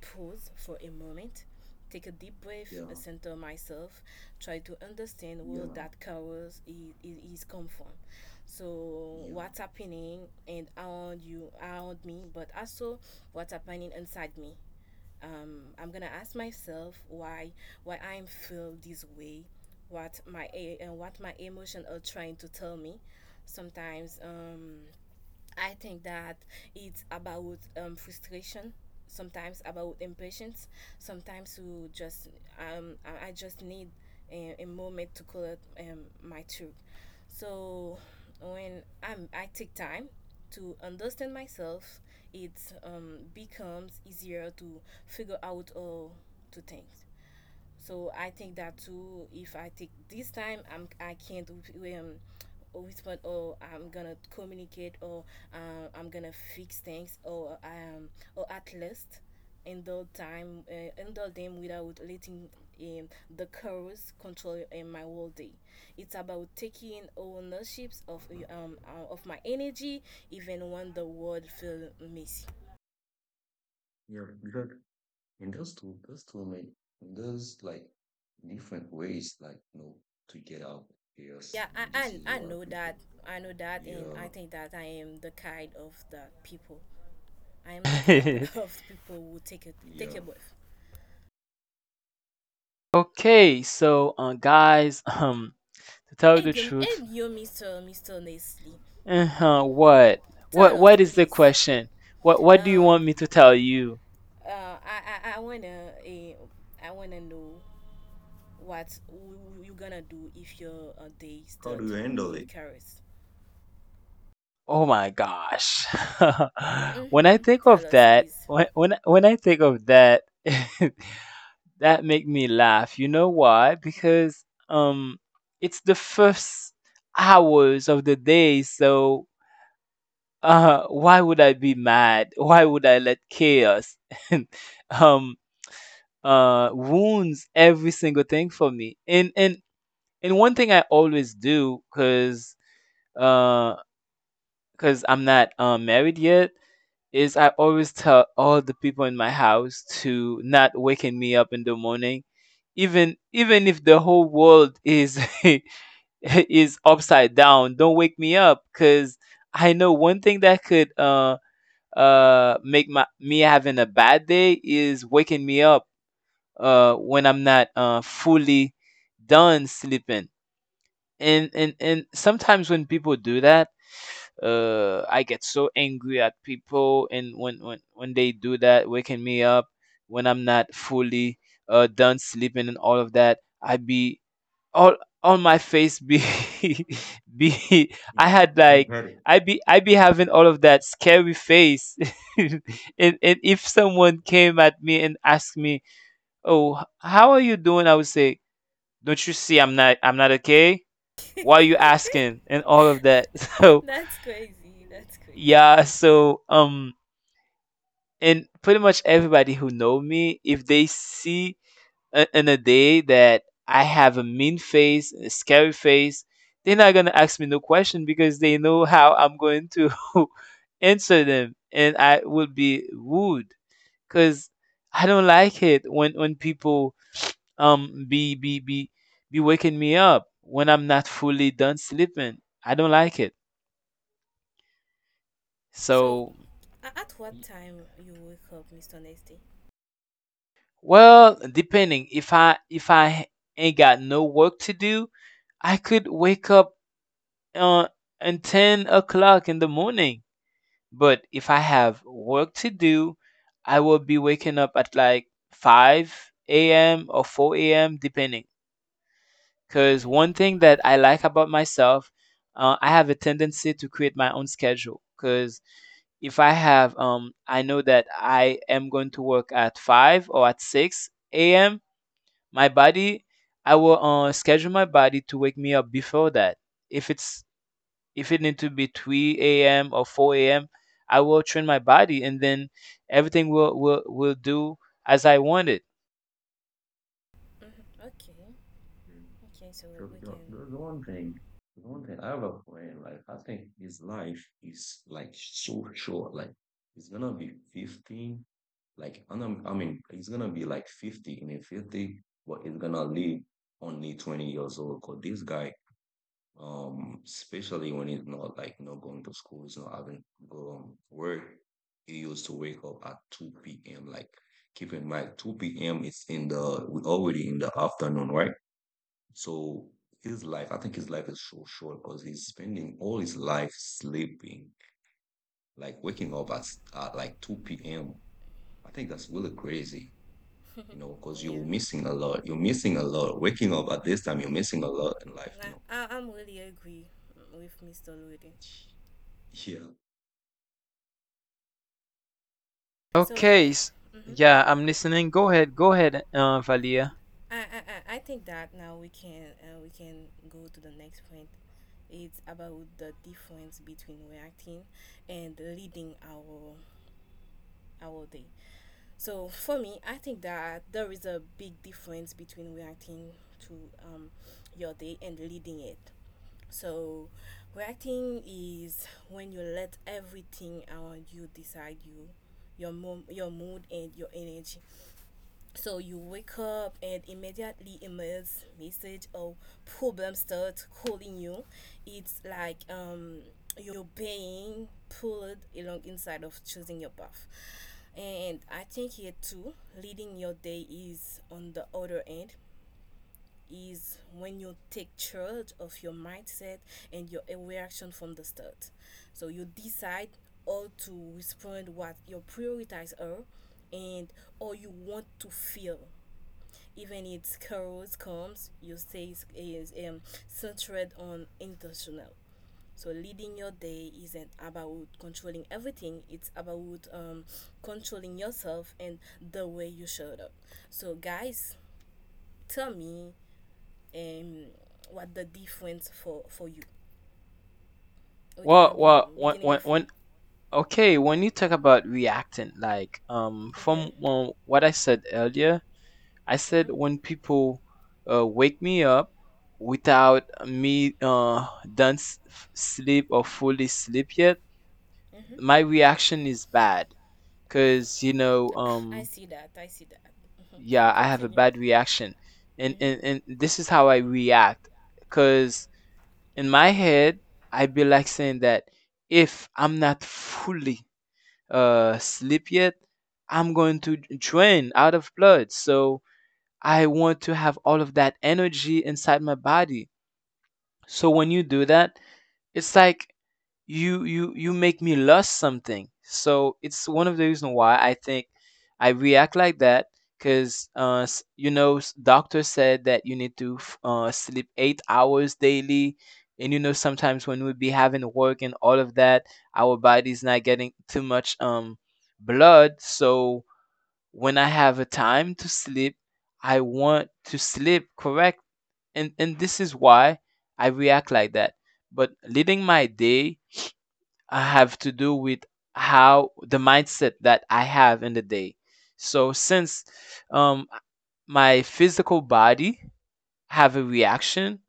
[SPEAKER 2] pause for a moment, take a deep breath,
[SPEAKER 3] Yeah,
[SPEAKER 2] uh, center myself, try to understand where
[SPEAKER 3] yeah,
[SPEAKER 2] that chaos is, is, come from. So
[SPEAKER 3] yeah,
[SPEAKER 2] what's happening and around you, around me, but also what's happening inside me. Um, I'm gonna ask myself why why I'm feel this way, what my and what my emotions are trying to tell me. Sometimes um, I think that it's about um, frustration, sometimes about impatience, sometimes you just um, I I just need a, a moment to collect um, my truth. So when I'm, I take time to understand myself, it um, becomes easier to figure out all to things. So I think that too. If I take this time, I'm I can't um, respond or I'm gonna communicate or uh, I'm gonna fix things or um or at least handle time uh, handle them without letting um, the cause control um, my whole day. It's about taking ownership of uh, um uh, of my energy even when the world feels messy.
[SPEAKER 3] yeah. Because and those two, those two, man, those like different ways, like you know, to get out of chaos.
[SPEAKER 2] Yeah, I,
[SPEAKER 3] This is
[SPEAKER 2] I I
[SPEAKER 3] what
[SPEAKER 2] know
[SPEAKER 3] people.
[SPEAKER 2] that. I know that, and
[SPEAKER 3] Yeah.
[SPEAKER 2] I think that I am the kind of the people. I am the kind *laughs*
[SPEAKER 1] *laughs*
[SPEAKER 2] of people who take a take
[SPEAKER 3] Yeah.
[SPEAKER 2] a bath.
[SPEAKER 1] Okay, so uh, guys, um to tell you the
[SPEAKER 2] And you
[SPEAKER 1] truth,
[SPEAKER 2] and you, Mister Mister Nestle,
[SPEAKER 1] uh what
[SPEAKER 2] tell
[SPEAKER 1] what
[SPEAKER 2] us
[SPEAKER 1] what is the
[SPEAKER 2] please.
[SPEAKER 1] question? What what do you
[SPEAKER 2] Uh,
[SPEAKER 1] want me to tell you?
[SPEAKER 2] uh, I I, I wanna eh, I wanna know what w- you gonna do if your uh, day
[SPEAKER 3] How do
[SPEAKER 2] start
[SPEAKER 3] you handle
[SPEAKER 2] in
[SPEAKER 3] it?
[SPEAKER 2] Paris.
[SPEAKER 1] Oh my gosh. *laughs* When I
[SPEAKER 2] Mm-hmm.
[SPEAKER 1] think
[SPEAKER 2] Tell
[SPEAKER 1] of
[SPEAKER 2] us
[SPEAKER 1] that,
[SPEAKER 2] please.
[SPEAKER 1] when when when I think of that, *laughs* that make me laugh. You know why? Because um it's the first hours of the day, so uh why would I be mad? Why would I let chaos *laughs* and um uh wounds every single thing for me? And and and one thing I always do, cuz uh cuz I'm not uh, married yet, is I always tell all the people in my house to not waking me up in the morning, even even if the whole world is *laughs* is upside down. Don't wake me up, cause I know one thing that could uh uh make my me having a bad day is waking me up uh when I'm not uh fully done sleeping. And and and sometimes when people do that, uh I get so angry at people, and when when when they do that, waking me up when I'm not fully uh done sleeping and all of that, I be all on my face, be *laughs* be I
[SPEAKER 3] Yeah,
[SPEAKER 1] had
[SPEAKER 3] I
[SPEAKER 1] like
[SPEAKER 3] get it.
[SPEAKER 1] i be i be having all of that scary face. *laughs* and and if someone came at me and asked me, oh, h- how are you doing, I would say, don't you see I'm not, i'm not okay? Why are you
[SPEAKER 2] *laughs*
[SPEAKER 1] asking and all of that? *laughs* So
[SPEAKER 2] That's crazy. That's crazy.
[SPEAKER 1] yeah, so um and pretty much everybody who know me, if they see a- in a day that I have a mean face, a scary face, they're not gonna ask me no question because they know how I'm going to *laughs* answer them, and I would be rude because I don't like it when when people um be be be be waking me up when I'm not fully done sleeping. I don't like it.
[SPEAKER 2] So
[SPEAKER 1] So,
[SPEAKER 2] A- at what
[SPEAKER 1] Y-
[SPEAKER 2] time you wake up, mister Nasty?
[SPEAKER 1] well, depending. If I if I ain't got no work to do, I could wake up uh at ten o'clock in the morning. But if I have work to do, I will be waking up at like five a.m. or four a.m. depending. Because
[SPEAKER 2] Mm-hmm.
[SPEAKER 1] one thing that I like about myself, uh, I have a tendency to create my own schedule. Because if I have um, I know that I am going to work at five or at six a m. My body, I will uh, schedule my body to wake me up before that. If it's if it need to be three a m or four a m, I will train my body, and then everything will will will do as I want it.
[SPEAKER 2] hmm Okay.
[SPEAKER 3] Mm.
[SPEAKER 2] Okay. So
[SPEAKER 3] So
[SPEAKER 2] we
[SPEAKER 3] the,
[SPEAKER 2] can.
[SPEAKER 3] the, the one thing, the one thing, I have a friend, like I think his life is like so short. Like he's gonna be fifty. Like I know- I mean, he's gonna be like fifty in a fifty, but he's gonna live only twenty years old. Cause this guy um, especially when it's not like not going to school, it's not having um, work. You used to wake up at two p m. Like, keep in mind, two p m is in the, we already in the afternoon, right? So his life, I think his life is so short, because he's spending all his life sleeping, like waking up at, at like two p m. I think that's really crazy, you know, because
[SPEAKER 2] *laughs*
[SPEAKER 3] you're
[SPEAKER 2] Yeah.
[SPEAKER 3] missing a lot. You're missing a lot. Waking up at this time, you're missing a lot in life,
[SPEAKER 2] I,
[SPEAKER 3] you know.
[SPEAKER 2] I- I'm really agree with mister Ludi.
[SPEAKER 3] *laughs* Yeah.
[SPEAKER 2] So,
[SPEAKER 1] Okay. s-
[SPEAKER 2] hmm
[SPEAKER 1] Yeah, I'm listening. Go ahead. Go ahead, uh, Valia.
[SPEAKER 2] I, I I- I think that now we can uh, we can go to the next point. It's about the difference between reacting and leading our our day. So for me, I think that there is a big difference between reacting to um, your day and leading it. So reacting is when you let everything around you decide you, your mom, your mood and your energy. So you wake up and immediately emails, message or problem start calling you. It's like um, you're being pulled along inside of choosing your path. And I think here too, leading your day is on the other end is when you take charge of your mindset and your reaction from the start. So you decide how to respond, what your priorities are and how you want to feel even its carols comes, you say is, um, centered on intentional. So leading your day isn't about controlling everything. It's about um, controlling yourself and the way you showed up. So guys, tell me um, what the difference for for you. We're
[SPEAKER 1] Well,
[SPEAKER 2] gonna be
[SPEAKER 1] well, when,
[SPEAKER 2] beginning
[SPEAKER 1] when,
[SPEAKER 2] with we.
[SPEAKER 1] when, okay, when you talk about reacting, like, um, from
[SPEAKER 2] Mhm.
[SPEAKER 1] uh, what I said earlier, I said
[SPEAKER 2] Mhm.
[SPEAKER 1] when people uh, wake me up without me uh, done s- f- sleep or fully sleep yet,
[SPEAKER 2] Mhm.
[SPEAKER 1] my reaction is bad because you know,
[SPEAKER 2] Ah, I
[SPEAKER 1] um
[SPEAKER 2] see that. I see that.
[SPEAKER 1] yeah,
[SPEAKER 2] Mhm. *laughs*
[SPEAKER 1] I have a
[SPEAKER 2] Continue.
[SPEAKER 1] bad reaction, and
[SPEAKER 2] Mhm.
[SPEAKER 1] and, and this is how I react. Because in my head I be like saying that if I'm not fully uh sleep yet, I'm going to drain out of blood, so I want to have all of that energy inside my body. So when you do that, it's like you you you make me lose something. So it's one of the reasons why I think I react like that because uh, s- you know, s- doctor said that you need to f- uh, sleep eight hours daily, and you know, sometimes when we be having work and all of that, our body's not getting too much um blood. So when I have a time to sleep, I want to sleep, correct? And and this is why I react like that. But leading my day, I have to do with how the mindset that I have in the day. So since um my physical body have a reaction,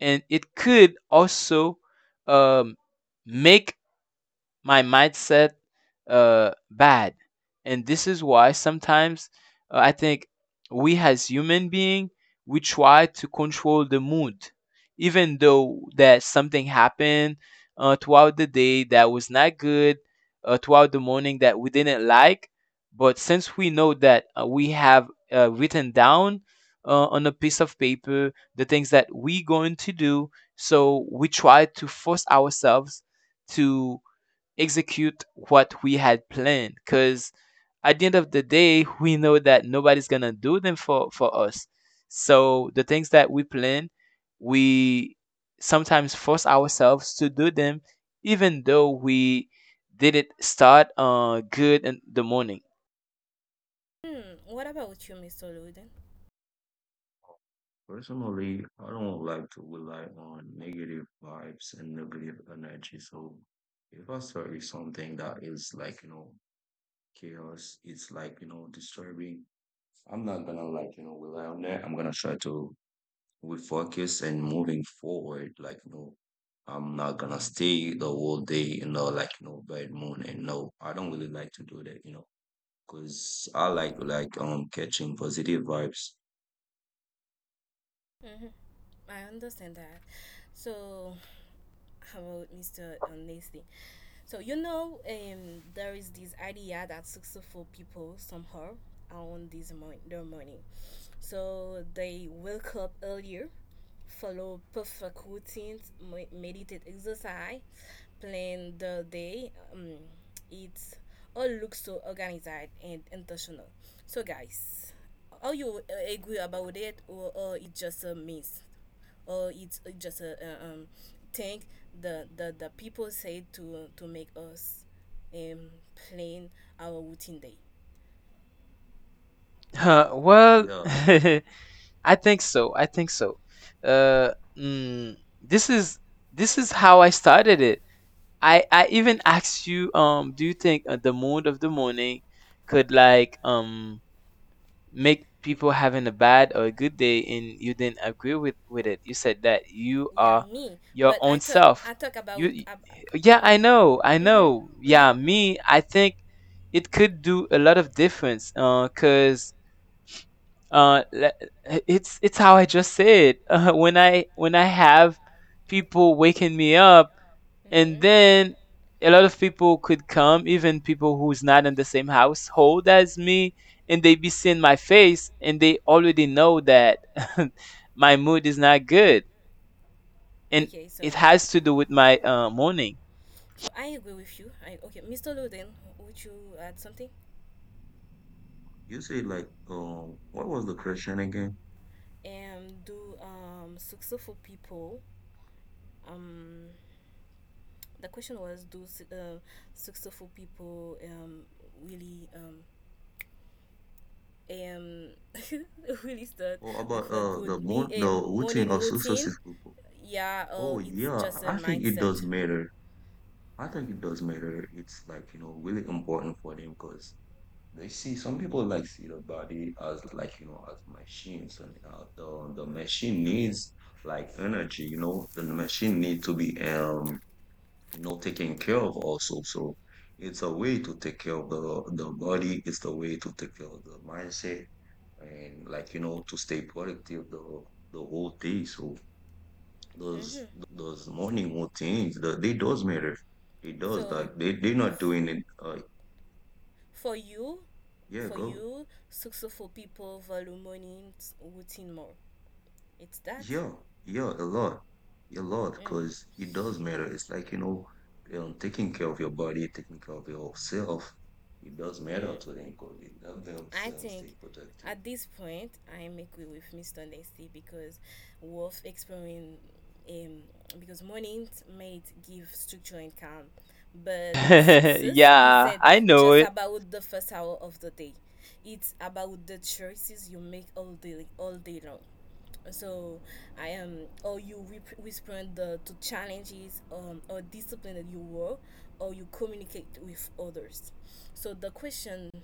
[SPEAKER 1] and it could also um make my mindset uh, bad. And this is why sometimes, uh, I think we as human being, we try to control the mood, even though that something happened uh, throughout the day that was not good, uh, throughout the morning that we didn't like. But since we know that uh, we have uh, written down uh, on a piece of paper the things that we going to do, so we try to force ourselves to execute what we had planned because at the end of the day we know that nobody's gonna do them for for us. So the things that we plan, we sometimes force ourselves to do them, even though we didn't start uh good in the morning.
[SPEAKER 2] Hmm. What about you, mister Loden?
[SPEAKER 3] Personally, I don't like to rely on negative vibes and negative energy. So if I start with something that is like, you know, chaos, it's like, you know, disturbing, I'm not gonna like, you know, rely on that. I'm gonna try to refocus and moving forward. Like, you know, I'm not gonna stay the whole day, you know, like, you know, bad moon. And no, I don't really like to do that, you know, because I like, like, um, catching positive vibes.
[SPEAKER 2] hmm I understand that. So, about mister Nasty. So you know, um, there is this idea that successful people somehow own this mon- their money. So they wake up earlier, follow perfect routines, me- meditate, exercise, plan the day. Um, it all looks so organized and intentional. So guys, are you uh, agree about it, or, or it's just a myth? Or it's uh, just a, a um, thing the, the the people say to to make us um, plan our routine day.
[SPEAKER 1] *laughs* Well,
[SPEAKER 3] Yeah.
[SPEAKER 1] *laughs* I think so, I think so, uh mm, this is this is how I started it. I I even *laughs* asked you, um, do you think uh, the mood of the morning could like um make people having a bad or a good day, and you didn't agree with with it. You said that you
[SPEAKER 2] Yeah,
[SPEAKER 1] are
[SPEAKER 2] me.
[SPEAKER 1] your
[SPEAKER 2] But I
[SPEAKER 1] own
[SPEAKER 2] talk I
[SPEAKER 1] self.
[SPEAKER 2] talk about
[SPEAKER 1] You, y-
[SPEAKER 2] ab
[SPEAKER 1] yeah,
[SPEAKER 2] mhm
[SPEAKER 1] I know, I
[SPEAKER 2] mhm
[SPEAKER 1] know.
[SPEAKER 2] mhm.
[SPEAKER 1] Yeah, me, I think it could do a lot of difference. Uh, cause uh, le- it's it's how I just said. *laughs* Uh, when I when I have people waking me up, and
[SPEAKER 2] Mhm.
[SPEAKER 1] then a lot of people could come, even people who's not in the same household as me, and they be seeing my face and they already know that *laughs* my mood is not good, and
[SPEAKER 2] Okay,
[SPEAKER 1] it
[SPEAKER 2] so
[SPEAKER 1] has to do with my uh, morning.
[SPEAKER 2] so I agree with you. I Okay, mister Loden, would you add something?
[SPEAKER 3] You say like um what was the question again?
[SPEAKER 2] And do um successful people um, the question was, do s- uh, successful people um really um um, *laughs* really start
[SPEAKER 3] Oh, about
[SPEAKER 2] with a
[SPEAKER 3] uh
[SPEAKER 2] good
[SPEAKER 3] the
[SPEAKER 2] me-
[SPEAKER 3] moon the
[SPEAKER 2] eh, morning
[SPEAKER 3] routine of
[SPEAKER 2] routine.
[SPEAKER 3] successive people.
[SPEAKER 2] Yeah, or
[SPEAKER 3] Oh
[SPEAKER 2] it's
[SPEAKER 3] yeah,
[SPEAKER 2] just a
[SPEAKER 3] I think it does
[SPEAKER 2] mindset.
[SPEAKER 3] matter. I think it does matter. It's like, you know, really important for them because they see some people like see the body as like, you know, as machines and uh, the the machine needs like energy, you know, the machine need to be um you know taken care of also. So it's a way to take care of the the body, it's the way to take care of the mindset and like you know to stay productive the the whole thing, so
[SPEAKER 2] hmm
[SPEAKER 3] those those morning routines, the, they does matter, it does, like
[SPEAKER 2] So,
[SPEAKER 3] they they're not
[SPEAKER 2] f-
[SPEAKER 3] doing it, uh
[SPEAKER 2] for you,
[SPEAKER 3] yeah,
[SPEAKER 2] for
[SPEAKER 3] go,
[SPEAKER 2] you, successful people value morning routine more. It's that.
[SPEAKER 3] yeah, yeah, a lot a lot
[SPEAKER 2] Mm.
[SPEAKER 3] because it does matter. It's like you know um, taking care of your body, taking care of yourself, it does matter
[SPEAKER 2] Mm.
[SPEAKER 3] to them because it helps
[SPEAKER 2] I
[SPEAKER 3] themselves
[SPEAKER 2] think
[SPEAKER 3] stay productive.
[SPEAKER 2] at this point I'm agree with mister Nesty because worth exploring um, because money might give structure and calm,
[SPEAKER 1] *laughs*
[SPEAKER 2] but success
[SPEAKER 1] Yeah,
[SPEAKER 2] isn't
[SPEAKER 1] I know
[SPEAKER 2] just
[SPEAKER 1] it.
[SPEAKER 2] about the first hour of the day. It's about the choices you make all day all day long. So I am, or you rep- respond the, to challenges um, or discipline that you were, or you communicate with others. So the question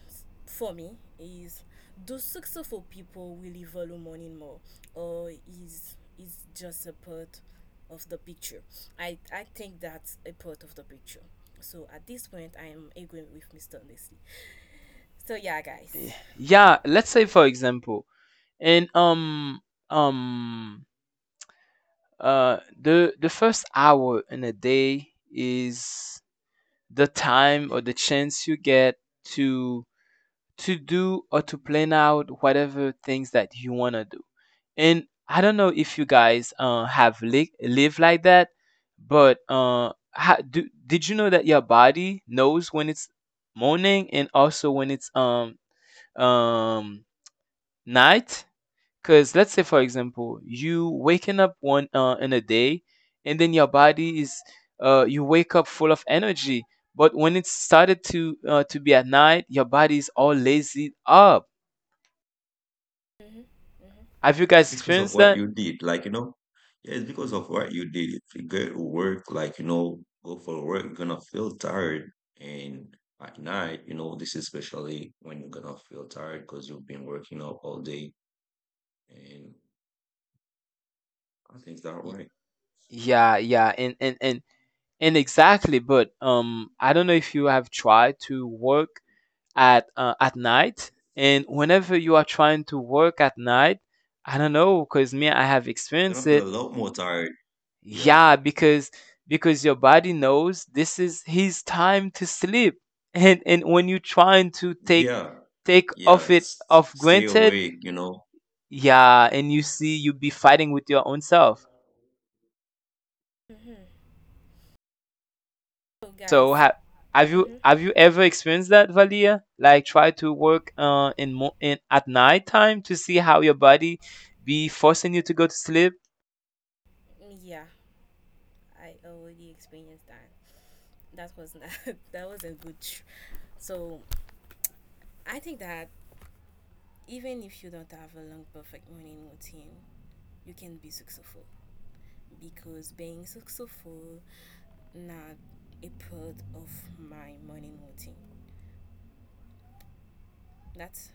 [SPEAKER 2] for me is, do successful people really value money more, or is is just a part of the picture? I I think that's a part of the picture. So at this point, I am agreeing with mister Nestle. So yeah, guys.
[SPEAKER 1] Yeah, let's say for example, and um um uh the the first hour in a day is the time or the chance you get to to do or to plan out whatever things that you want to do. And I don't know if you guys uh, have li- lived like that, but uh, how, do, did you know that your body knows when it's morning and also when it's um um night? Because let's say, for example, you waking up one uh, in a day, and then your body is uh, you wake up full of energy. But when it started to uh, to be at night, your body is all lazy up.
[SPEAKER 2] hmm hmm
[SPEAKER 1] Have you
[SPEAKER 3] It's
[SPEAKER 1] guys
[SPEAKER 3] because of
[SPEAKER 1] experienced
[SPEAKER 3] what
[SPEAKER 1] that?
[SPEAKER 3] you did. Like, you know, yeah, it's because of what you did. If you go to work, like, you know, go for work, you're gonna feel tired. And at night, you know, this is especially when you're gonna feel tired because you've been working up all day. And I think that
[SPEAKER 1] Y-
[SPEAKER 3] way.
[SPEAKER 1] Yeah, yeah, and and and and exactly. But um, I don't know if you have tried to work at uh, at night, and whenever you are trying to work at night, I don't know. Cause me, I have
[SPEAKER 3] You're
[SPEAKER 1] experienced
[SPEAKER 3] gonna feel
[SPEAKER 1] it.
[SPEAKER 3] a lot more tired. Yeah.
[SPEAKER 1] Yeah, because because your body knows this is his time to sleep, and and when you're trying to take
[SPEAKER 3] Yeah.
[SPEAKER 1] take
[SPEAKER 3] Yeah.
[SPEAKER 1] off it
[SPEAKER 3] S-
[SPEAKER 1] off
[SPEAKER 3] stay
[SPEAKER 1] granted,
[SPEAKER 3] awake, you know.
[SPEAKER 1] yeah, and you see you be fighting with your own self.
[SPEAKER 2] hmm So
[SPEAKER 1] So
[SPEAKER 2] guys.
[SPEAKER 1] ha- have you
[SPEAKER 2] hmm
[SPEAKER 1] have you ever experienced that, Valia? Like try to work uh, in mo- in at night time to see how your body be forcing you to go to sleep?
[SPEAKER 2] yeah. I already experienced that. That was not *laughs* that wasn't good. So I think that even if you don't have a long perfect morning routine, you can be successful because being successful not a part of my morning routine. That's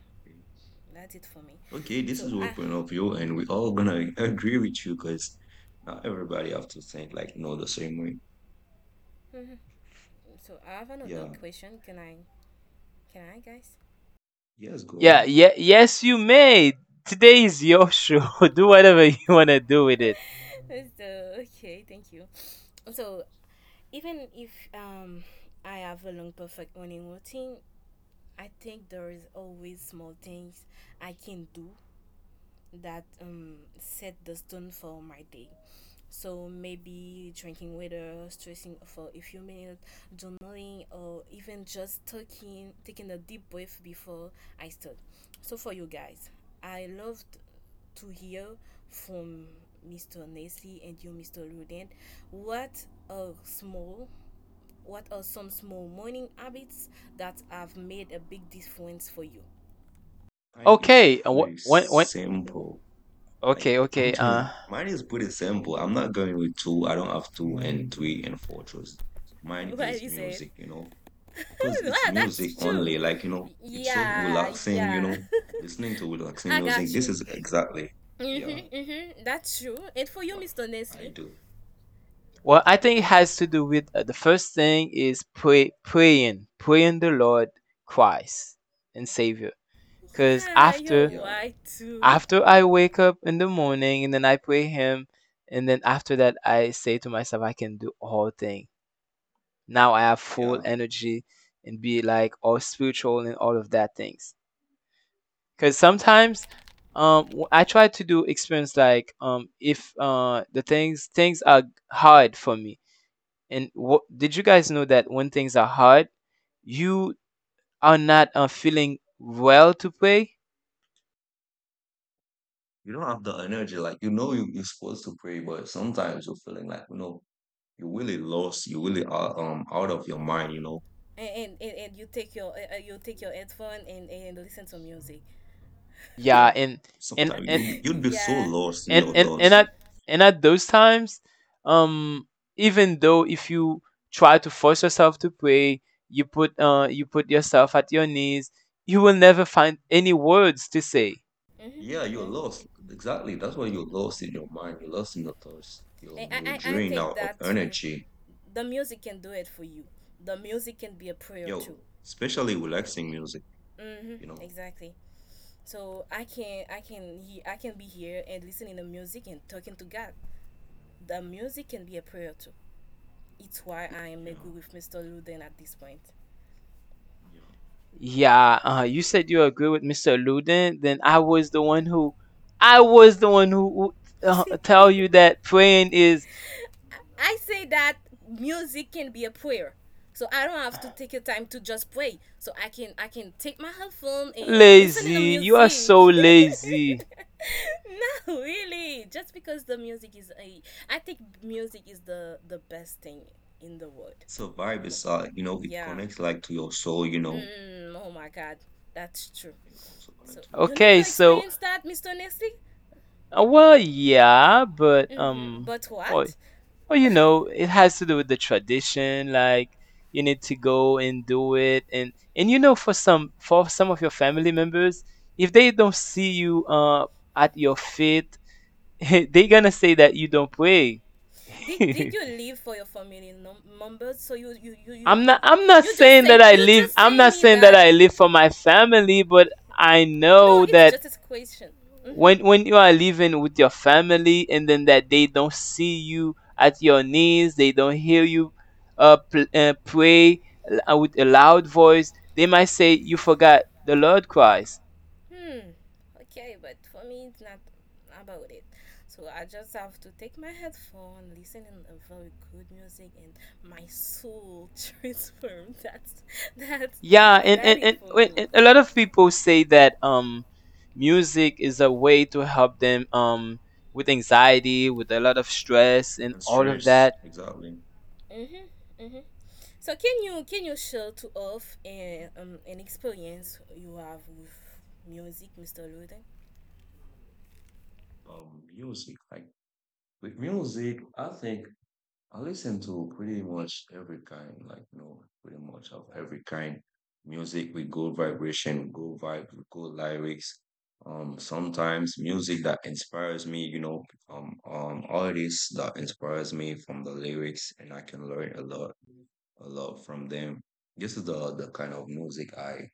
[SPEAKER 2] that's it for me.
[SPEAKER 3] Okay, this
[SPEAKER 2] So
[SPEAKER 3] is
[SPEAKER 2] I
[SPEAKER 3] your point of view, and we all gonna *laughs* agree with you because not everybody have to think like no the same way.
[SPEAKER 2] mhm. So I have another
[SPEAKER 3] Yeah.
[SPEAKER 2] question. Can I can I guys?
[SPEAKER 3] Yes, go
[SPEAKER 1] Yeah,
[SPEAKER 3] ahead.
[SPEAKER 1] yeah, yes, you may. Today is your show. *laughs* Do whatever you wanna do with it.
[SPEAKER 2] *laughs* So okay, thank you. So even if um I have a long perfect morning routine, I think there is always small things I can do that um, set the stone for my day. So maybe drinking water, stressing for a few minutes, journaling, or even just taking taking a deep breath before I start. So for you guys, I loved to hear from mister Nestle and you, mister Rudent. What are small, what are some small morning habits that have made a big difference for you?
[SPEAKER 3] Mine is
[SPEAKER 1] Okay, uh,
[SPEAKER 3] pretty
[SPEAKER 1] wh- when when
[SPEAKER 3] simple. Like
[SPEAKER 1] okay
[SPEAKER 3] I'm
[SPEAKER 1] okay
[SPEAKER 3] just
[SPEAKER 1] uh.
[SPEAKER 3] mine is pretty simple. I'm not going with two. I don't have two and three and four choices.
[SPEAKER 2] *laughs*
[SPEAKER 3] Mine
[SPEAKER 2] What
[SPEAKER 3] is
[SPEAKER 2] is it?
[SPEAKER 3] music, you know, because
[SPEAKER 2] *laughs* Wow,
[SPEAKER 3] it's music
[SPEAKER 2] that's true.
[SPEAKER 3] only. Like, you know, it's so
[SPEAKER 2] Yeah,
[SPEAKER 3] relaxing, you
[SPEAKER 2] yeah.
[SPEAKER 3] know, listening to
[SPEAKER 2] *laughs*
[SPEAKER 3] relaxing
[SPEAKER 2] I
[SPEAKER 3] music.
[SPEAKER 2] got
[SPEAKER 3] This
[SPEAKER 2] you.
[SPEAKER 3] is exactly, yeah,
[SPEAKER 2] Mm-hmm, mm-hmm. That's true. And for you,
[SPEAKER 3] what
[SPEAKER 2] mister
[SPEAKER 3] I
[SPEAKER 2] Nestle,
[SPEAKER 3] do.
[SPEAKER 1] Well, I think it has to do with uh, the first thing is pray, praying, praying the Lord Christ and Savior. Because
[SPEAKER 2] yeah, you're
[SPEAKER 1] after
[SPEAKER 3] Yeah,
[SPEAKER 2] white too.
[SPEAKER 1] after
[SPEAKER 2] *laughs*
[SPEAKER 1] I wake up in the morning, and then I pray him, and then after that I say to myself, I can do all thing. Now I have full
[SPEAKER 3] yeah.
[SPEAKER 1] energy and be like all spiritual and all of that things. Cuz sometimes um w- I try to do experience like um if uh the things things are hard for me. And what did you guys know that when things are hard, you are not uh, feeling well to pray?
[SPEAKER 3] You don't have the energy. Like you know you, you're supposed to pray, but sometimes you're feeling like, you know, you're really lost. You really are um out of your mind, you know.
[SPEAKER 2] And and, and and you take your uh, uh, you take your headphone and, and listen to music.
[SPEAKER 1] Yeah,
[SPEAKER 3] Yeah.
[SPEAKER 1] and and
[SPEAKER 3] Sometimes you
[SPEAKER 1] and
[SPEAKER 3] you'd be
[SPEAKER 2] *laughs*
[SPEAKER 3] you'd be so
[SPEAKER 2] Yeah.
[SPEAKER 3] lost in
[SPEAKER 1] and
[SPEAKER 3] your
[SPEAKER 1] and and
[SPEAKER 3] thoughts.
[SPEAKER 2] Mm.
[SPEAKER 1] at and at those times, um, even though if you try to force yourself to pray, you put uh you put yourself at your knees, you will never find any words to say.
[SPEAKER 2] Mm-hmm,
[SPEAKER 3] Yeah, you're
[SPEAKER 2] mm-hmm.
[SPEAKER 3] lost. Exactly. That's why you're lost in your mind. You're lost in your thoughts. You're
[SPEAKER 2] And
[SPEAKER 3] you're
[SPEAKER 2] I, I, I
[SPEAKER 3] drained
[SPEAKER 2] think
[SPEAKER 3] out of
[SPEAKER 2] that too.
[SPEAKER 3] energy.
[SPEAKER 2] The music can do it for you. The music can be a prayer too.
[SPEAKER 3] Yo, especially relaxing music,
[SPEAKER 2] Mm-hmm,
[SPEAKER 3] you know.
[SPEAKER 2] exactly. So I can I can he, I can be here and listening to music and talking to God. The music can be a prayer too. It's why I am
[SPEAKER 3] Yeah.
[SPEAKER 2] agree with mister Luden at this point.
[SPEAKER 3] Yeah.
[SPEAKER 1] Yeah, uh, you said you agree with Mister Luden. Then I was the one who, I was the one who who, uh,
[SPEAKER 2] *laughs*
[SPEAKER 1] tell
[SPEAKER 2] I-
[SPEAKER 1] you that praying is
[SPEAKER 2] Say that music can be a prayer. So I don't have to take a time to just pray. So I can I can take my headphone and, and listen to the
[SPEAKER 1] lazy. You are
[SPEAKER 2] music.
[SPEAKER 1] so
[SPEAKER 2] *laughs*
[SPEAKER 1] lazy.
[SPEAKER 2] Not really. Just because the music is a I think music is the the best thing in the world.
[SPEAKER 3] So vibe
[SPEAKER 2] Well,
[SPEAKER 3] is uh, you know, it
[SPEAKER 2] yeah.
[SPEAKER 3] connects like to your soul, you know.
[SPEAKER 2] Mm, oh my god, that's true.
[SPEAKER 3] It also
[SPEAKER 2] So,
[SPEAKER 3] connects to your
[SPEAKER 2] you
[SPEAKER 3] soul.
[SPEAKER 2] never
[SPEAKER 1] Okay. So,
[SPEAKER 2] experienced that, mister Nesty?
[SPEAKER 1] uh, well, yeah, but
[SPEAKER 2] Mm-hmm.
[SPEAKER 1] um,
[SPEAKER 2] But
[SPEAKER 1] well,
[SPEAKER 2] what?
[SPEAKER 1] well, you know, it
[SPEAKER 2] *laughs*
[SPEAKER 1] has to do with the tradition. Like you need to go and do it, and and you know, for some for some of your family members, if they don't see you uh at your feet, *laughs* they gonna say that you don't pray.
[SPEAKER 2] Did did you
[SPEAKER 1] *laughs*
[SPEAKER 2] live for your family num- members? So you you you you
[SPEAKER 1] I'm
[SPEAKER 2] you
[SPEAKER 1] not I'm not
[SPEAKER 2] you just
[SPEAKER 1] saying that
[SPEAKER 2] say,
[SPEAKER 1] I
[SPEAKER 2] you
[SPEAKER 1] live
[SPEAKER 2] just
[SPEAKER 1] I'm
[SPEAKER 2] say
[SPEAKER 1] not
[SPEAKER 2] me
[SPEAKER 1] saying that
[SPEAKER 2] that.
[SPEAKER 1] I live
[SPEAKER 2] You,
[SPEAKER 1] for my family, but I
[SPEAKER 2] no,
[SPEAKER 1] know
[SPEAKER 2] it's
[SPEAKER 1] that
[SPEAKER 2] just a question. Mm-hmm.
[SPEAKER 1] when when you are living with your family and then that they don't see you at your knees, they don't hear you uh, pl- uh pray l- uh, with a loud voice, they might say you forgot the Lord Christ.
[SPEAKER 2] Hmm. Okay, but for me, it's not about it. So I just have to take my headphone, listen in a very good music, and my soul *laughs* transformed. That's that's
[SPEAKER 1] Yeah,
[SPEAKER 2] that's
[SPEAKER 1] and
[SPEAKER 2] that
[SPEAKER 1] and,
[SPEAKER 2] it
[SPEAKER 1] and
[SPEAKER 2] for
[SPEAKER 1] wait,
[SPEAKER 2] me.
[SPEAKER 1] and a lot of people say that um music is a way to help them um with anxiety, with a lot of stress and
[SPEAKER 3] And
[SPEAKER 1] all of
[SPEAKER 3] stress,
[SPEAKER 1] that.
[SPEAKER 3] exactly.
[SPEAKER 2] Mhm. Mhm. So can you can you share to off a, um, an experience you have with music, mister Loden?
[SPEAKER 3] Um, music, like with music, I think I listen to pretty much every kind, like you know, pretty much of every kind. Music with good vibration, good vibe, with good lyrics. Um, sometimes music that inspires me, you know, um, um, artists that inspires me from the lyrics, and I can learn a lot, a lot from them. This is the the kind of music I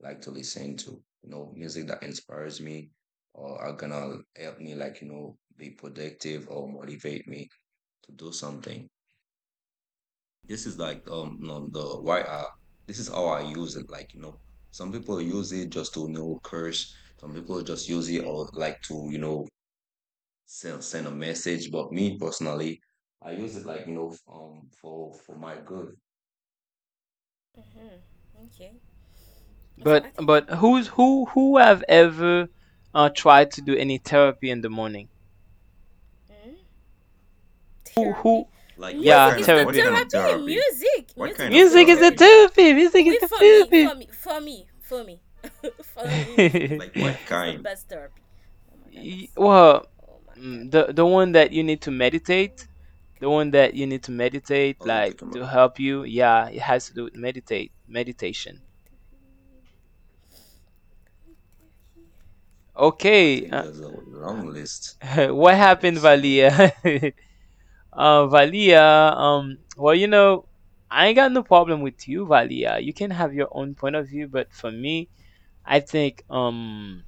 [SPEAKER 3] like to listen to, you know, music that inspires me or are gonna help me like, you know, be productive or motivate me to do something. This is like um you know, the why I this is how I use it. Like, you know, some people use it just to you know curse, some people just use it or like to, you know, send send a message. But me personally, I use it like, you know, um for for my good.
[SPEAKER 2] Mhm. Okay. So I
[SPEAKER 1] But
[SPEAKER 2] think.
[SPEAKER 1] but who's who who have ever uh tried to do any therapy in the morning?
[SPEAKER 2] Mhm.
[SPEAKER 1] Who
[SPEAKER 2] therapy
[SPEAKER 1] who
[SPEAKER 3] Like what
[SPEAKER 1] Yeah,
[SPEAKER 2] music
[SPEAKER 3] kind of
[SPEAKER 2] is the
[SPEAKER 3] what
[SPEAKER 1] therapy.
[SPEAKER 3] kind of
[SPEAKER 2] therapy
[SPEAKER 3] therapy?
[SPEAKER 2] music
[SPEAKER 3] What kind
[SPEAKER 2] Music is
[SPEAKER 3] of
[SPEAKER 2] the
[SPEAKER 1] Music is a
[SPEAKER 3] therapy?
[SPEAKER 2] therapy
[SPEAKER 1] therapy. Music is
[SPEAKER 2] we for me
[SPEAKER 1] a
[SPEAKER 2] for me for me for me *laughs* for me music is
[SPEAKER 1] therapy.
[SPEAKER 2] the
[SPEAKER 3] Like what
[SPEAKER 1] *laughs*
[SPEAKER 2] therapy, is the
[SPEAKER 3] kind?
[SPEAKER 2] best therapy. Oh my
[SPEAKER 1] Y-
[SPEAKER 2] goodness,
[SPEAKER 1] well,
[SPEAKER 2] oh my
[SPEAKER 1] mm, the
[SPEAKER 2] goodness
[SPEAKER 1] the one that you need to
[SPEAKER 2] oh
[SPEAKER 1] meditate
[SPEAKER 2] my
[SPEAKER 1] the one that
[SPEAKER 2] goodness
[SPEAKER 1] you need to meditate,
[SPEAKER 3] Oh, you
[SPEAKER 1] like
[SPEAKER 3] talking about?
[SPEAKER 1] to help you. Yeah,
[SPEAKER 2] oh
[SPEAKER 1] it has
[SPEAKER 2] my
[SPEAKER 1] to do with
[SPEAKER 2] goodness
[SPEAKER 1] meditate, meditation.
[SPEAKER 2] connective healing, connective
[SPEAKER 3] I
[SPEAKER 1] Okay.
[SPEAKER 3] think
[SPEAKER 1] Uh,
[SPEAKER 3] there's a long list
[SPEAKER 1] *laughs* what
[SPEAKER 3] for
[SPEAKER 1] happened,
[SPEAKER 3] this, you know.
[SPEAKER 1] Valia? *laughs* uh, Valia, um, well, you know, I ain't got no problem with you, Valia. You can have your own point of view, but for me, I think um
[SPEAKER 2] healing.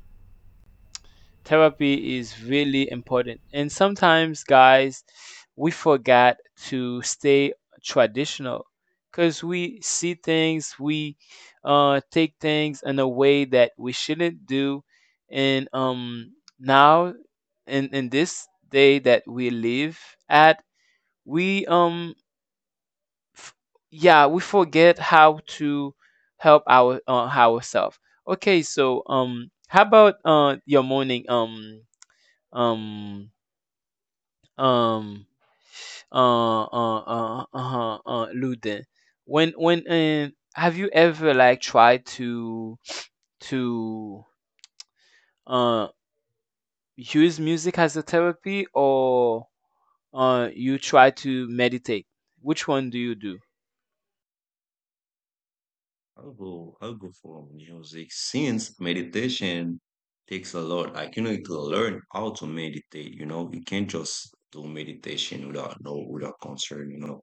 [SPEAKER 1] therapy is really important. And sometimes, guys, we forgot to stay traditional because we see things, we uh, take things in a way that we shouldn't do. And um, now, in, in this day that we live at, we um f- yeah we forget how to help our uh, ourselves. Okay, so um how about uh your morning, um um um uh uh uh uh, uh Luden. When when um have you ever, like, tried to to uh use music as a therapy, or uh you try to meditate? Which one do you do?
[SPEAKER 3] I'll I'll go. I'll go for music. Since meditation takes a lot, like you need to learn how to meditate. You know, you can't just do meditation without no without concern. You know,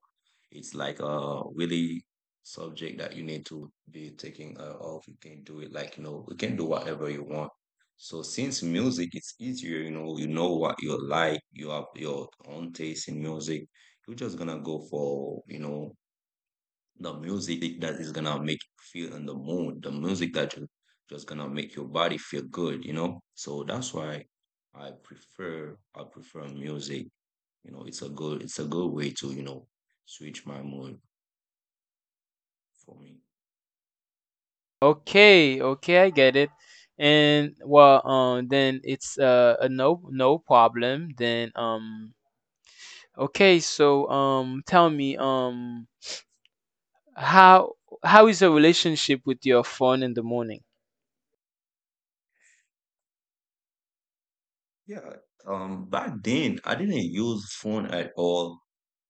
[SPEAKER 3] it's like a really subject that you need to be taking uh, off. You can do it like you know, you can do whatever you want. So since music is easier, you know, you know what you like. You have your own taste in music. You're just gonna go for you know the music that is gonna make you feel in the mood, the music that you just gonna make your body feel good, you know. So that's why I prefer I prefer music. You know, it's a good it's a good way to you know switch my mood for me.
[SPEAKER 1] Okay, okay, I get it. And, well, um, then it's uh, a no no problem. Then, um, okay, so, um, tell me, um, How how is your relationship with your phone in the morning?
[SPEAKER 3] Yeah, um, back then I didn't use phone at all.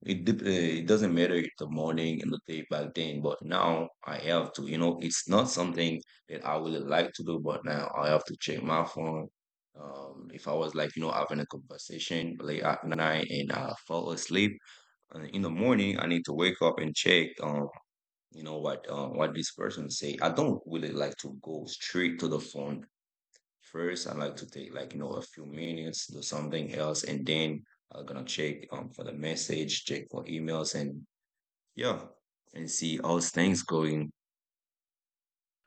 [SPEAKER 3] It dep- uh, it doesn't matter in the morning and the day back then, but now I have to. You know, it's not something that I would like to do, but now I have to check my phone. Um, if I was like you know having a conversation late at night and I fall asleep, uh, in the morning I need to wake up and check. Um, you know what um, what this person say. I don't really like to go straight to the phone first, I like to take like, you know, a few minutes, do something else, and then I'm gonna check um for the message, check for emails and yeah, and see how's things going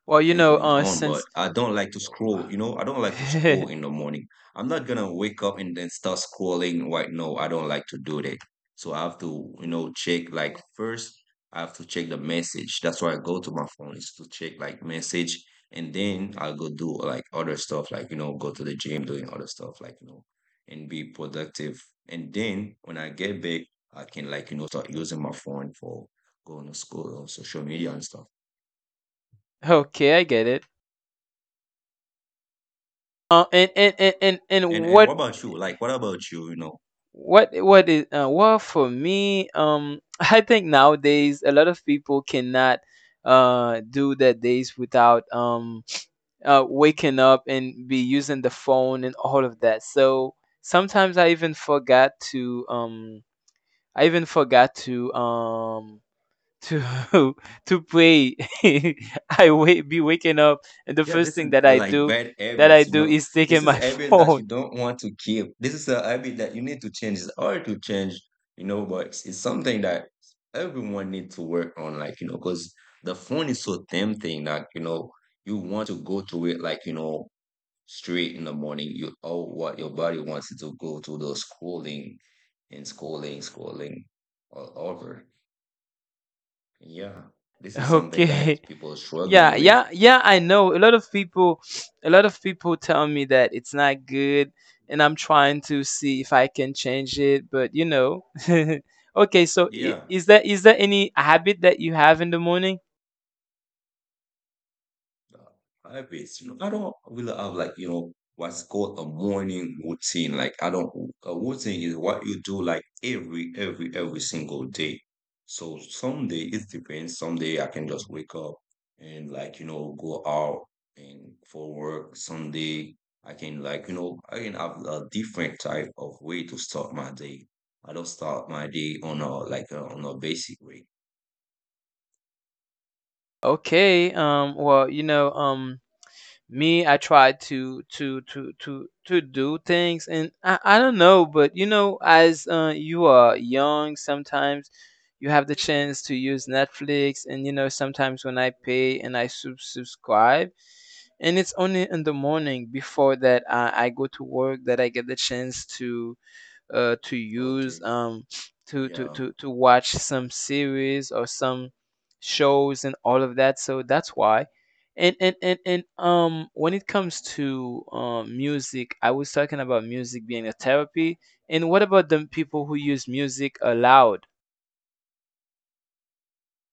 [SPEAKER 1] Well,
[SPEAKER 3] or
[SPEAKER 1] you
[SPEAKER 3] things
[SPEAKER 1] know,
[SPEAKER 3] going
[SPEAKER 1] uh,
[SPEAKER 3] on, but
[SPEAKER 1] since
[SPEAKER 3] I don't like to scroll. You know, I don't like to scroll
[SPEAKER 1] *laughs*
[SPEAKER 3] in the morning. I'm not gonna wake up and then start scrolling right now. I don't like to do that. So I have to, you know, check like first I have to check the message. That's why I go to my phone is to check like message and then I'll go do like other stuff, like you know, go to the gym, doing other stuff, like you know, and be productive. And then when I get back, I can like, you know, start using my phone for going to school or social media and stuff.
[SPEAKER 1] okay, I get it. Uh, and and and and, and
[SPEAKER 3] And and what
[SPEAKER 1] what
[SPEAKER 3] about you? Like, what about you? You know,
[SPEAKER 1] what what is, uh, well, for me? Um, *laughs* I think nowadays a lot of people cannot uh do their days without um uh, waking up and be using the phone and all of that. So sometimes I even forgot to um I even forgot to um to *laughs* to pray. *laughs* I wait be waking up, and the
[SPEAKER 3] yeah,
[SPEAKER 1] first
[SPEAKER 3] this is
[SPEAKER 1] thing that I
[SPEAKER 3] like
[SPEAKER 1] do
[SPEAKER 3] bad
[SPEAKER 1] that I
[SPEAKER 3] habits. You
[SPEAKER 1] do
[SPEAKER 3] know,
[SPEAKER 1] is
[SPEAKER 3] this
[SPEAKER 1] taking
[SPEAKER 3] is
[SPEAKER 1] my *laughs*
[SPEAKER 3] habits that
[SPEAKER 1] phone.
[SPEAKER 3] you don't want to keep. This is a habit that you need to change. It's hard to change. You know, but it's, it's something that everyone needs to work on. Like you know, because the phone is so tempting that you know you want to go to it. Like you know, straight in the morning. You oh, what your body wants you to go to the scrolling and scrolling, scrolling all over. Yeah, this is something that
[SPEAKER 1] Okay.
[SPEAKER 3] people are
[SPEAKER 1] Yeah,
[SPEAKER 3] struggling with.
[SPEAKER 1] yeah, yeah, I know a lot of people *sniffs* a lot of people tell me that it's not good, and I'm trying to see if I can change it, but you know *laughs* okay, so i-
[SPEAKER 3] Yeah,
[SPEAKER 1] is there is there any habit that you have in the morning?
[SPEAKER 3] uh, I always, you know, I don't really have like, you know, what's called a morning routine. Like I don't, a routine is what you do like every, every, every single day. So some day it depends. Some day I can just wake up and like, you know, go out and for work. Some day I can like, you know, I can have a different type of way to start my day. I don't start my day on a like uh, on a basic way.
[SPEAKER 1] Okay, um well, you know um me, I try to to to to to do things, and I I don't know, but you know, as uh, you are young, sometimes you have the chance to use Netflix, and you know, sometimes when I pay and I sub subscribe, and it's only in the morning before that I, I go to work that I get the chance to uh, to use
[SPEAKER 3] Okay.
[SPEAKER 1] um, to, to,
[SPEAKER 3] Yeah.
[SPEAKER 1] to, to watch some series or some shows and all of that. So that's why. And, and, and, and um, when it comes to um, music, I was talking about music being a therapy. And what about the people who use music aloud?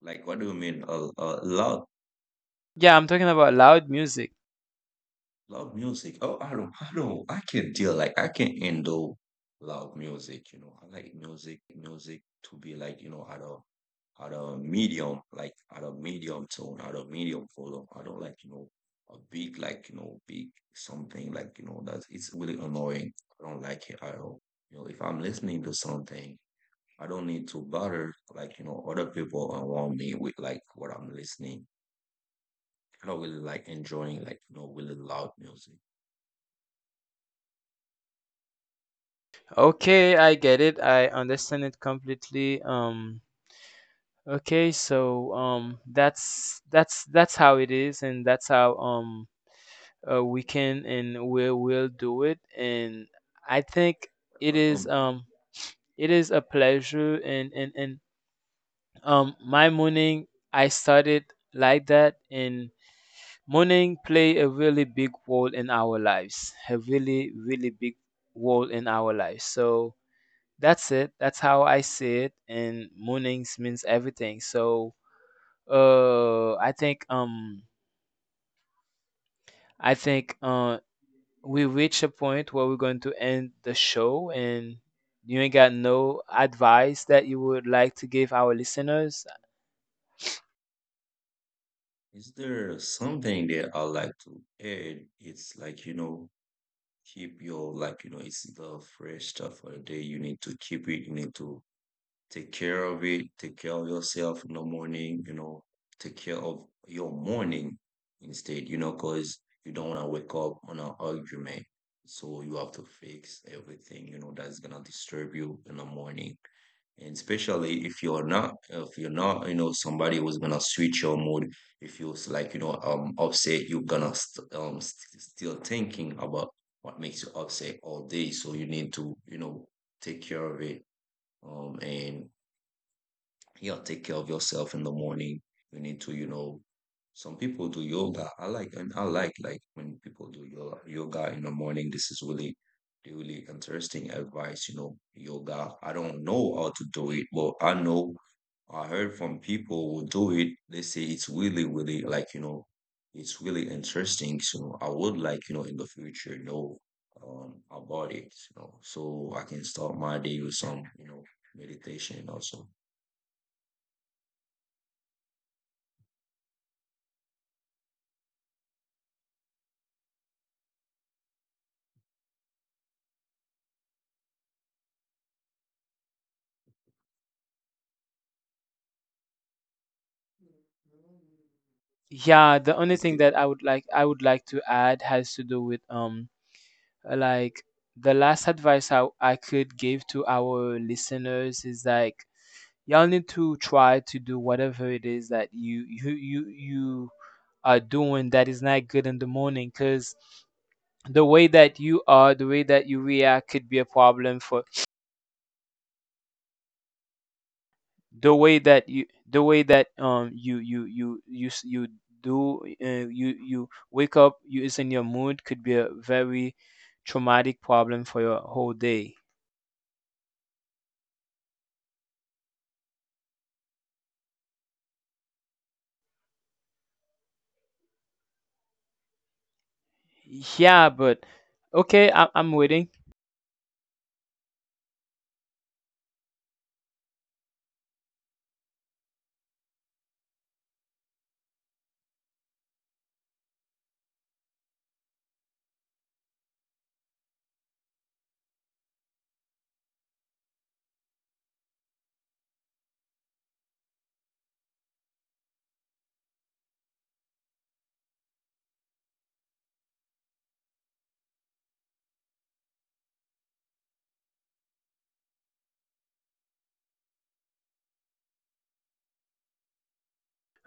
[SPEAKER 3] Like, what do you mean? A, a loud,
[SPEAKER 1] Yeah, I'm talking about loud music.
[SPEAKER 3] loud music? Oh, I don't, I don't, I can't deal. Like, I can't handle loud music. You know, I like music to be like, you know, at a at a medium, like at a medium tone, at a medium volume. I don't like, you know, a big, like, you know, big something like, you know, that it's really annoying. I don't like it at all. You know, if I'm listening to something, I don't need to bother, like, you know, other people around me with like what I'm listening not really like enjoying like you know really loud music.
[SPEAKER 1] Okay, I get it. I understand it completely. Um, okay, so um, that's that's that's how it is, and that's how, um uh, we can, and we will do it. And I think it
[SPEAKER 3] Uh,
[SPEAKER 1] is
[SPEAKER 3] Um,
[SPEAKER 1] um it is a pleasure, and and and um my morning I started like that. And morning play a really big role in our lives, a really really big role in our lives. So that's it, that's how I see it, and mornings means everything. So, uh i think um i think, uh we reach a point where we're going to end the show. And you ain't got no advice that you would like to give our listeners?
[SPEAKER 3] is there something that I like to add? It's like you know keep your like you know it's the fresh stuff for the day. You need to keep it. You need to take care of it. Take care of yourself in the morning. You know, take care of your morning instead. You know, because you don't want to wake up on an argument. So you have to fix everything. You know that's gonna disturb you in the morning and especially if you're not if you're not you know somebody who's gonna switch your mood, if you're like you know um upset, you're gonna st- um st- still thinking about what makes you upset all day, so you need to you know take care of it, um and you know, take care of yourself in the morning. You need to, you know, some people do yoga. I like and I like like when people do yoga yoga in the morning. This is really really interesting advice, you know, yoga. I don't know how to do it, but I know I heard from people who do it. They say it's really, really like, you know, it's really interesting. So I would like, you know, in the future know um about it, you know, so I can start my day with some, you know, meditation also.
[SPEAKER 1] Yeah, the only
[SPEAKER 3] It's
[SPEAKER 1] thing
[SPEAKER 3] good.
[SPEAKER 1] that i would like i would like to add has to do with, um like, the last advice i, I could give to our listeners is, like, y'all need to try to do whatever it is that you you you, you are doing that is not good in the morning, because the way that you are the way that you react could be a problem for the way that you the way that um you you you you s- you do. Uh, you you wake up, you is in your mood, could be a very traumatic problem for your whole day. Yeah, but okay. I, I'm waiting.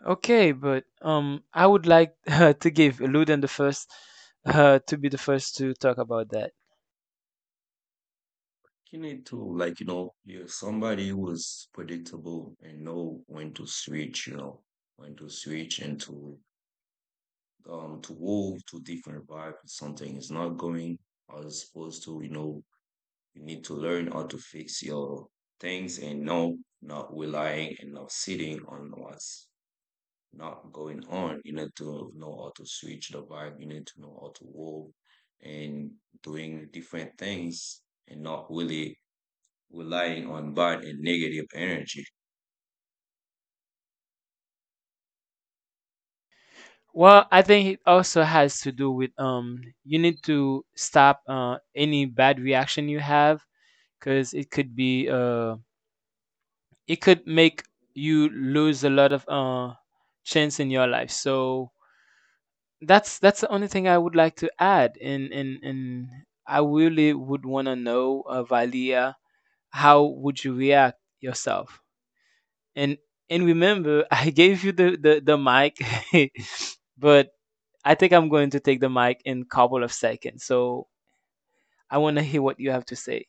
[SPEAKER 1] Okay, but um I would like *laughs* uh, to give luden the first uh, to be the first to talk about that.
[SPEAKER 3] You need to, like, you know, you're somebody who is predictable and know when to switch, you know, when to switch and to um to move to different vibe. If something is not going as supposed to, you know, you need to learn how to fix your things and no not relying and not sitting on what's not going on. You need to know how to switch the vibe. You need to know how to move and doing different things and not really relying on bad and negative energy.
[SPEAKER 1] Well, I think it also has to do with, um you need to stop uh, any bad reaction you have, because it could be uh it could make you lose a lot of uh, chance in your life. So that's that's the only thing I would like to add. And and and I really would want to know, uh, Valia, how would you react yourself? And and remember, *laughs* I gave you the the, the mic, *laughs* but I think I'm going to take the mic in couple of seconds. So I want to hear what you have to say.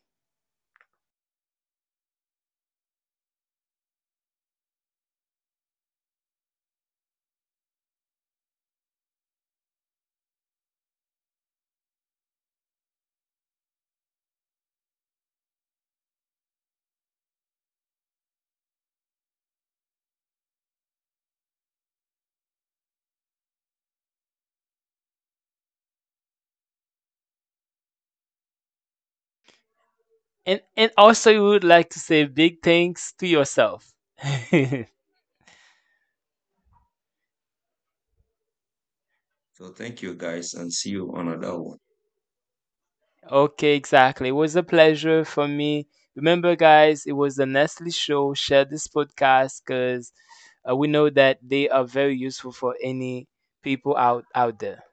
[SPEAKER 1] And and also, you would like to say big thanks to yourself. *laughs*
[SPEAKER 3] So thank you guys and see you on another one.
[SPEAKER 1] Okay, exactly. It was a pleasure for me. Remember, guys, it was the Nestle show. Share this podcast because uh, we know that they are very useful for any people out out there.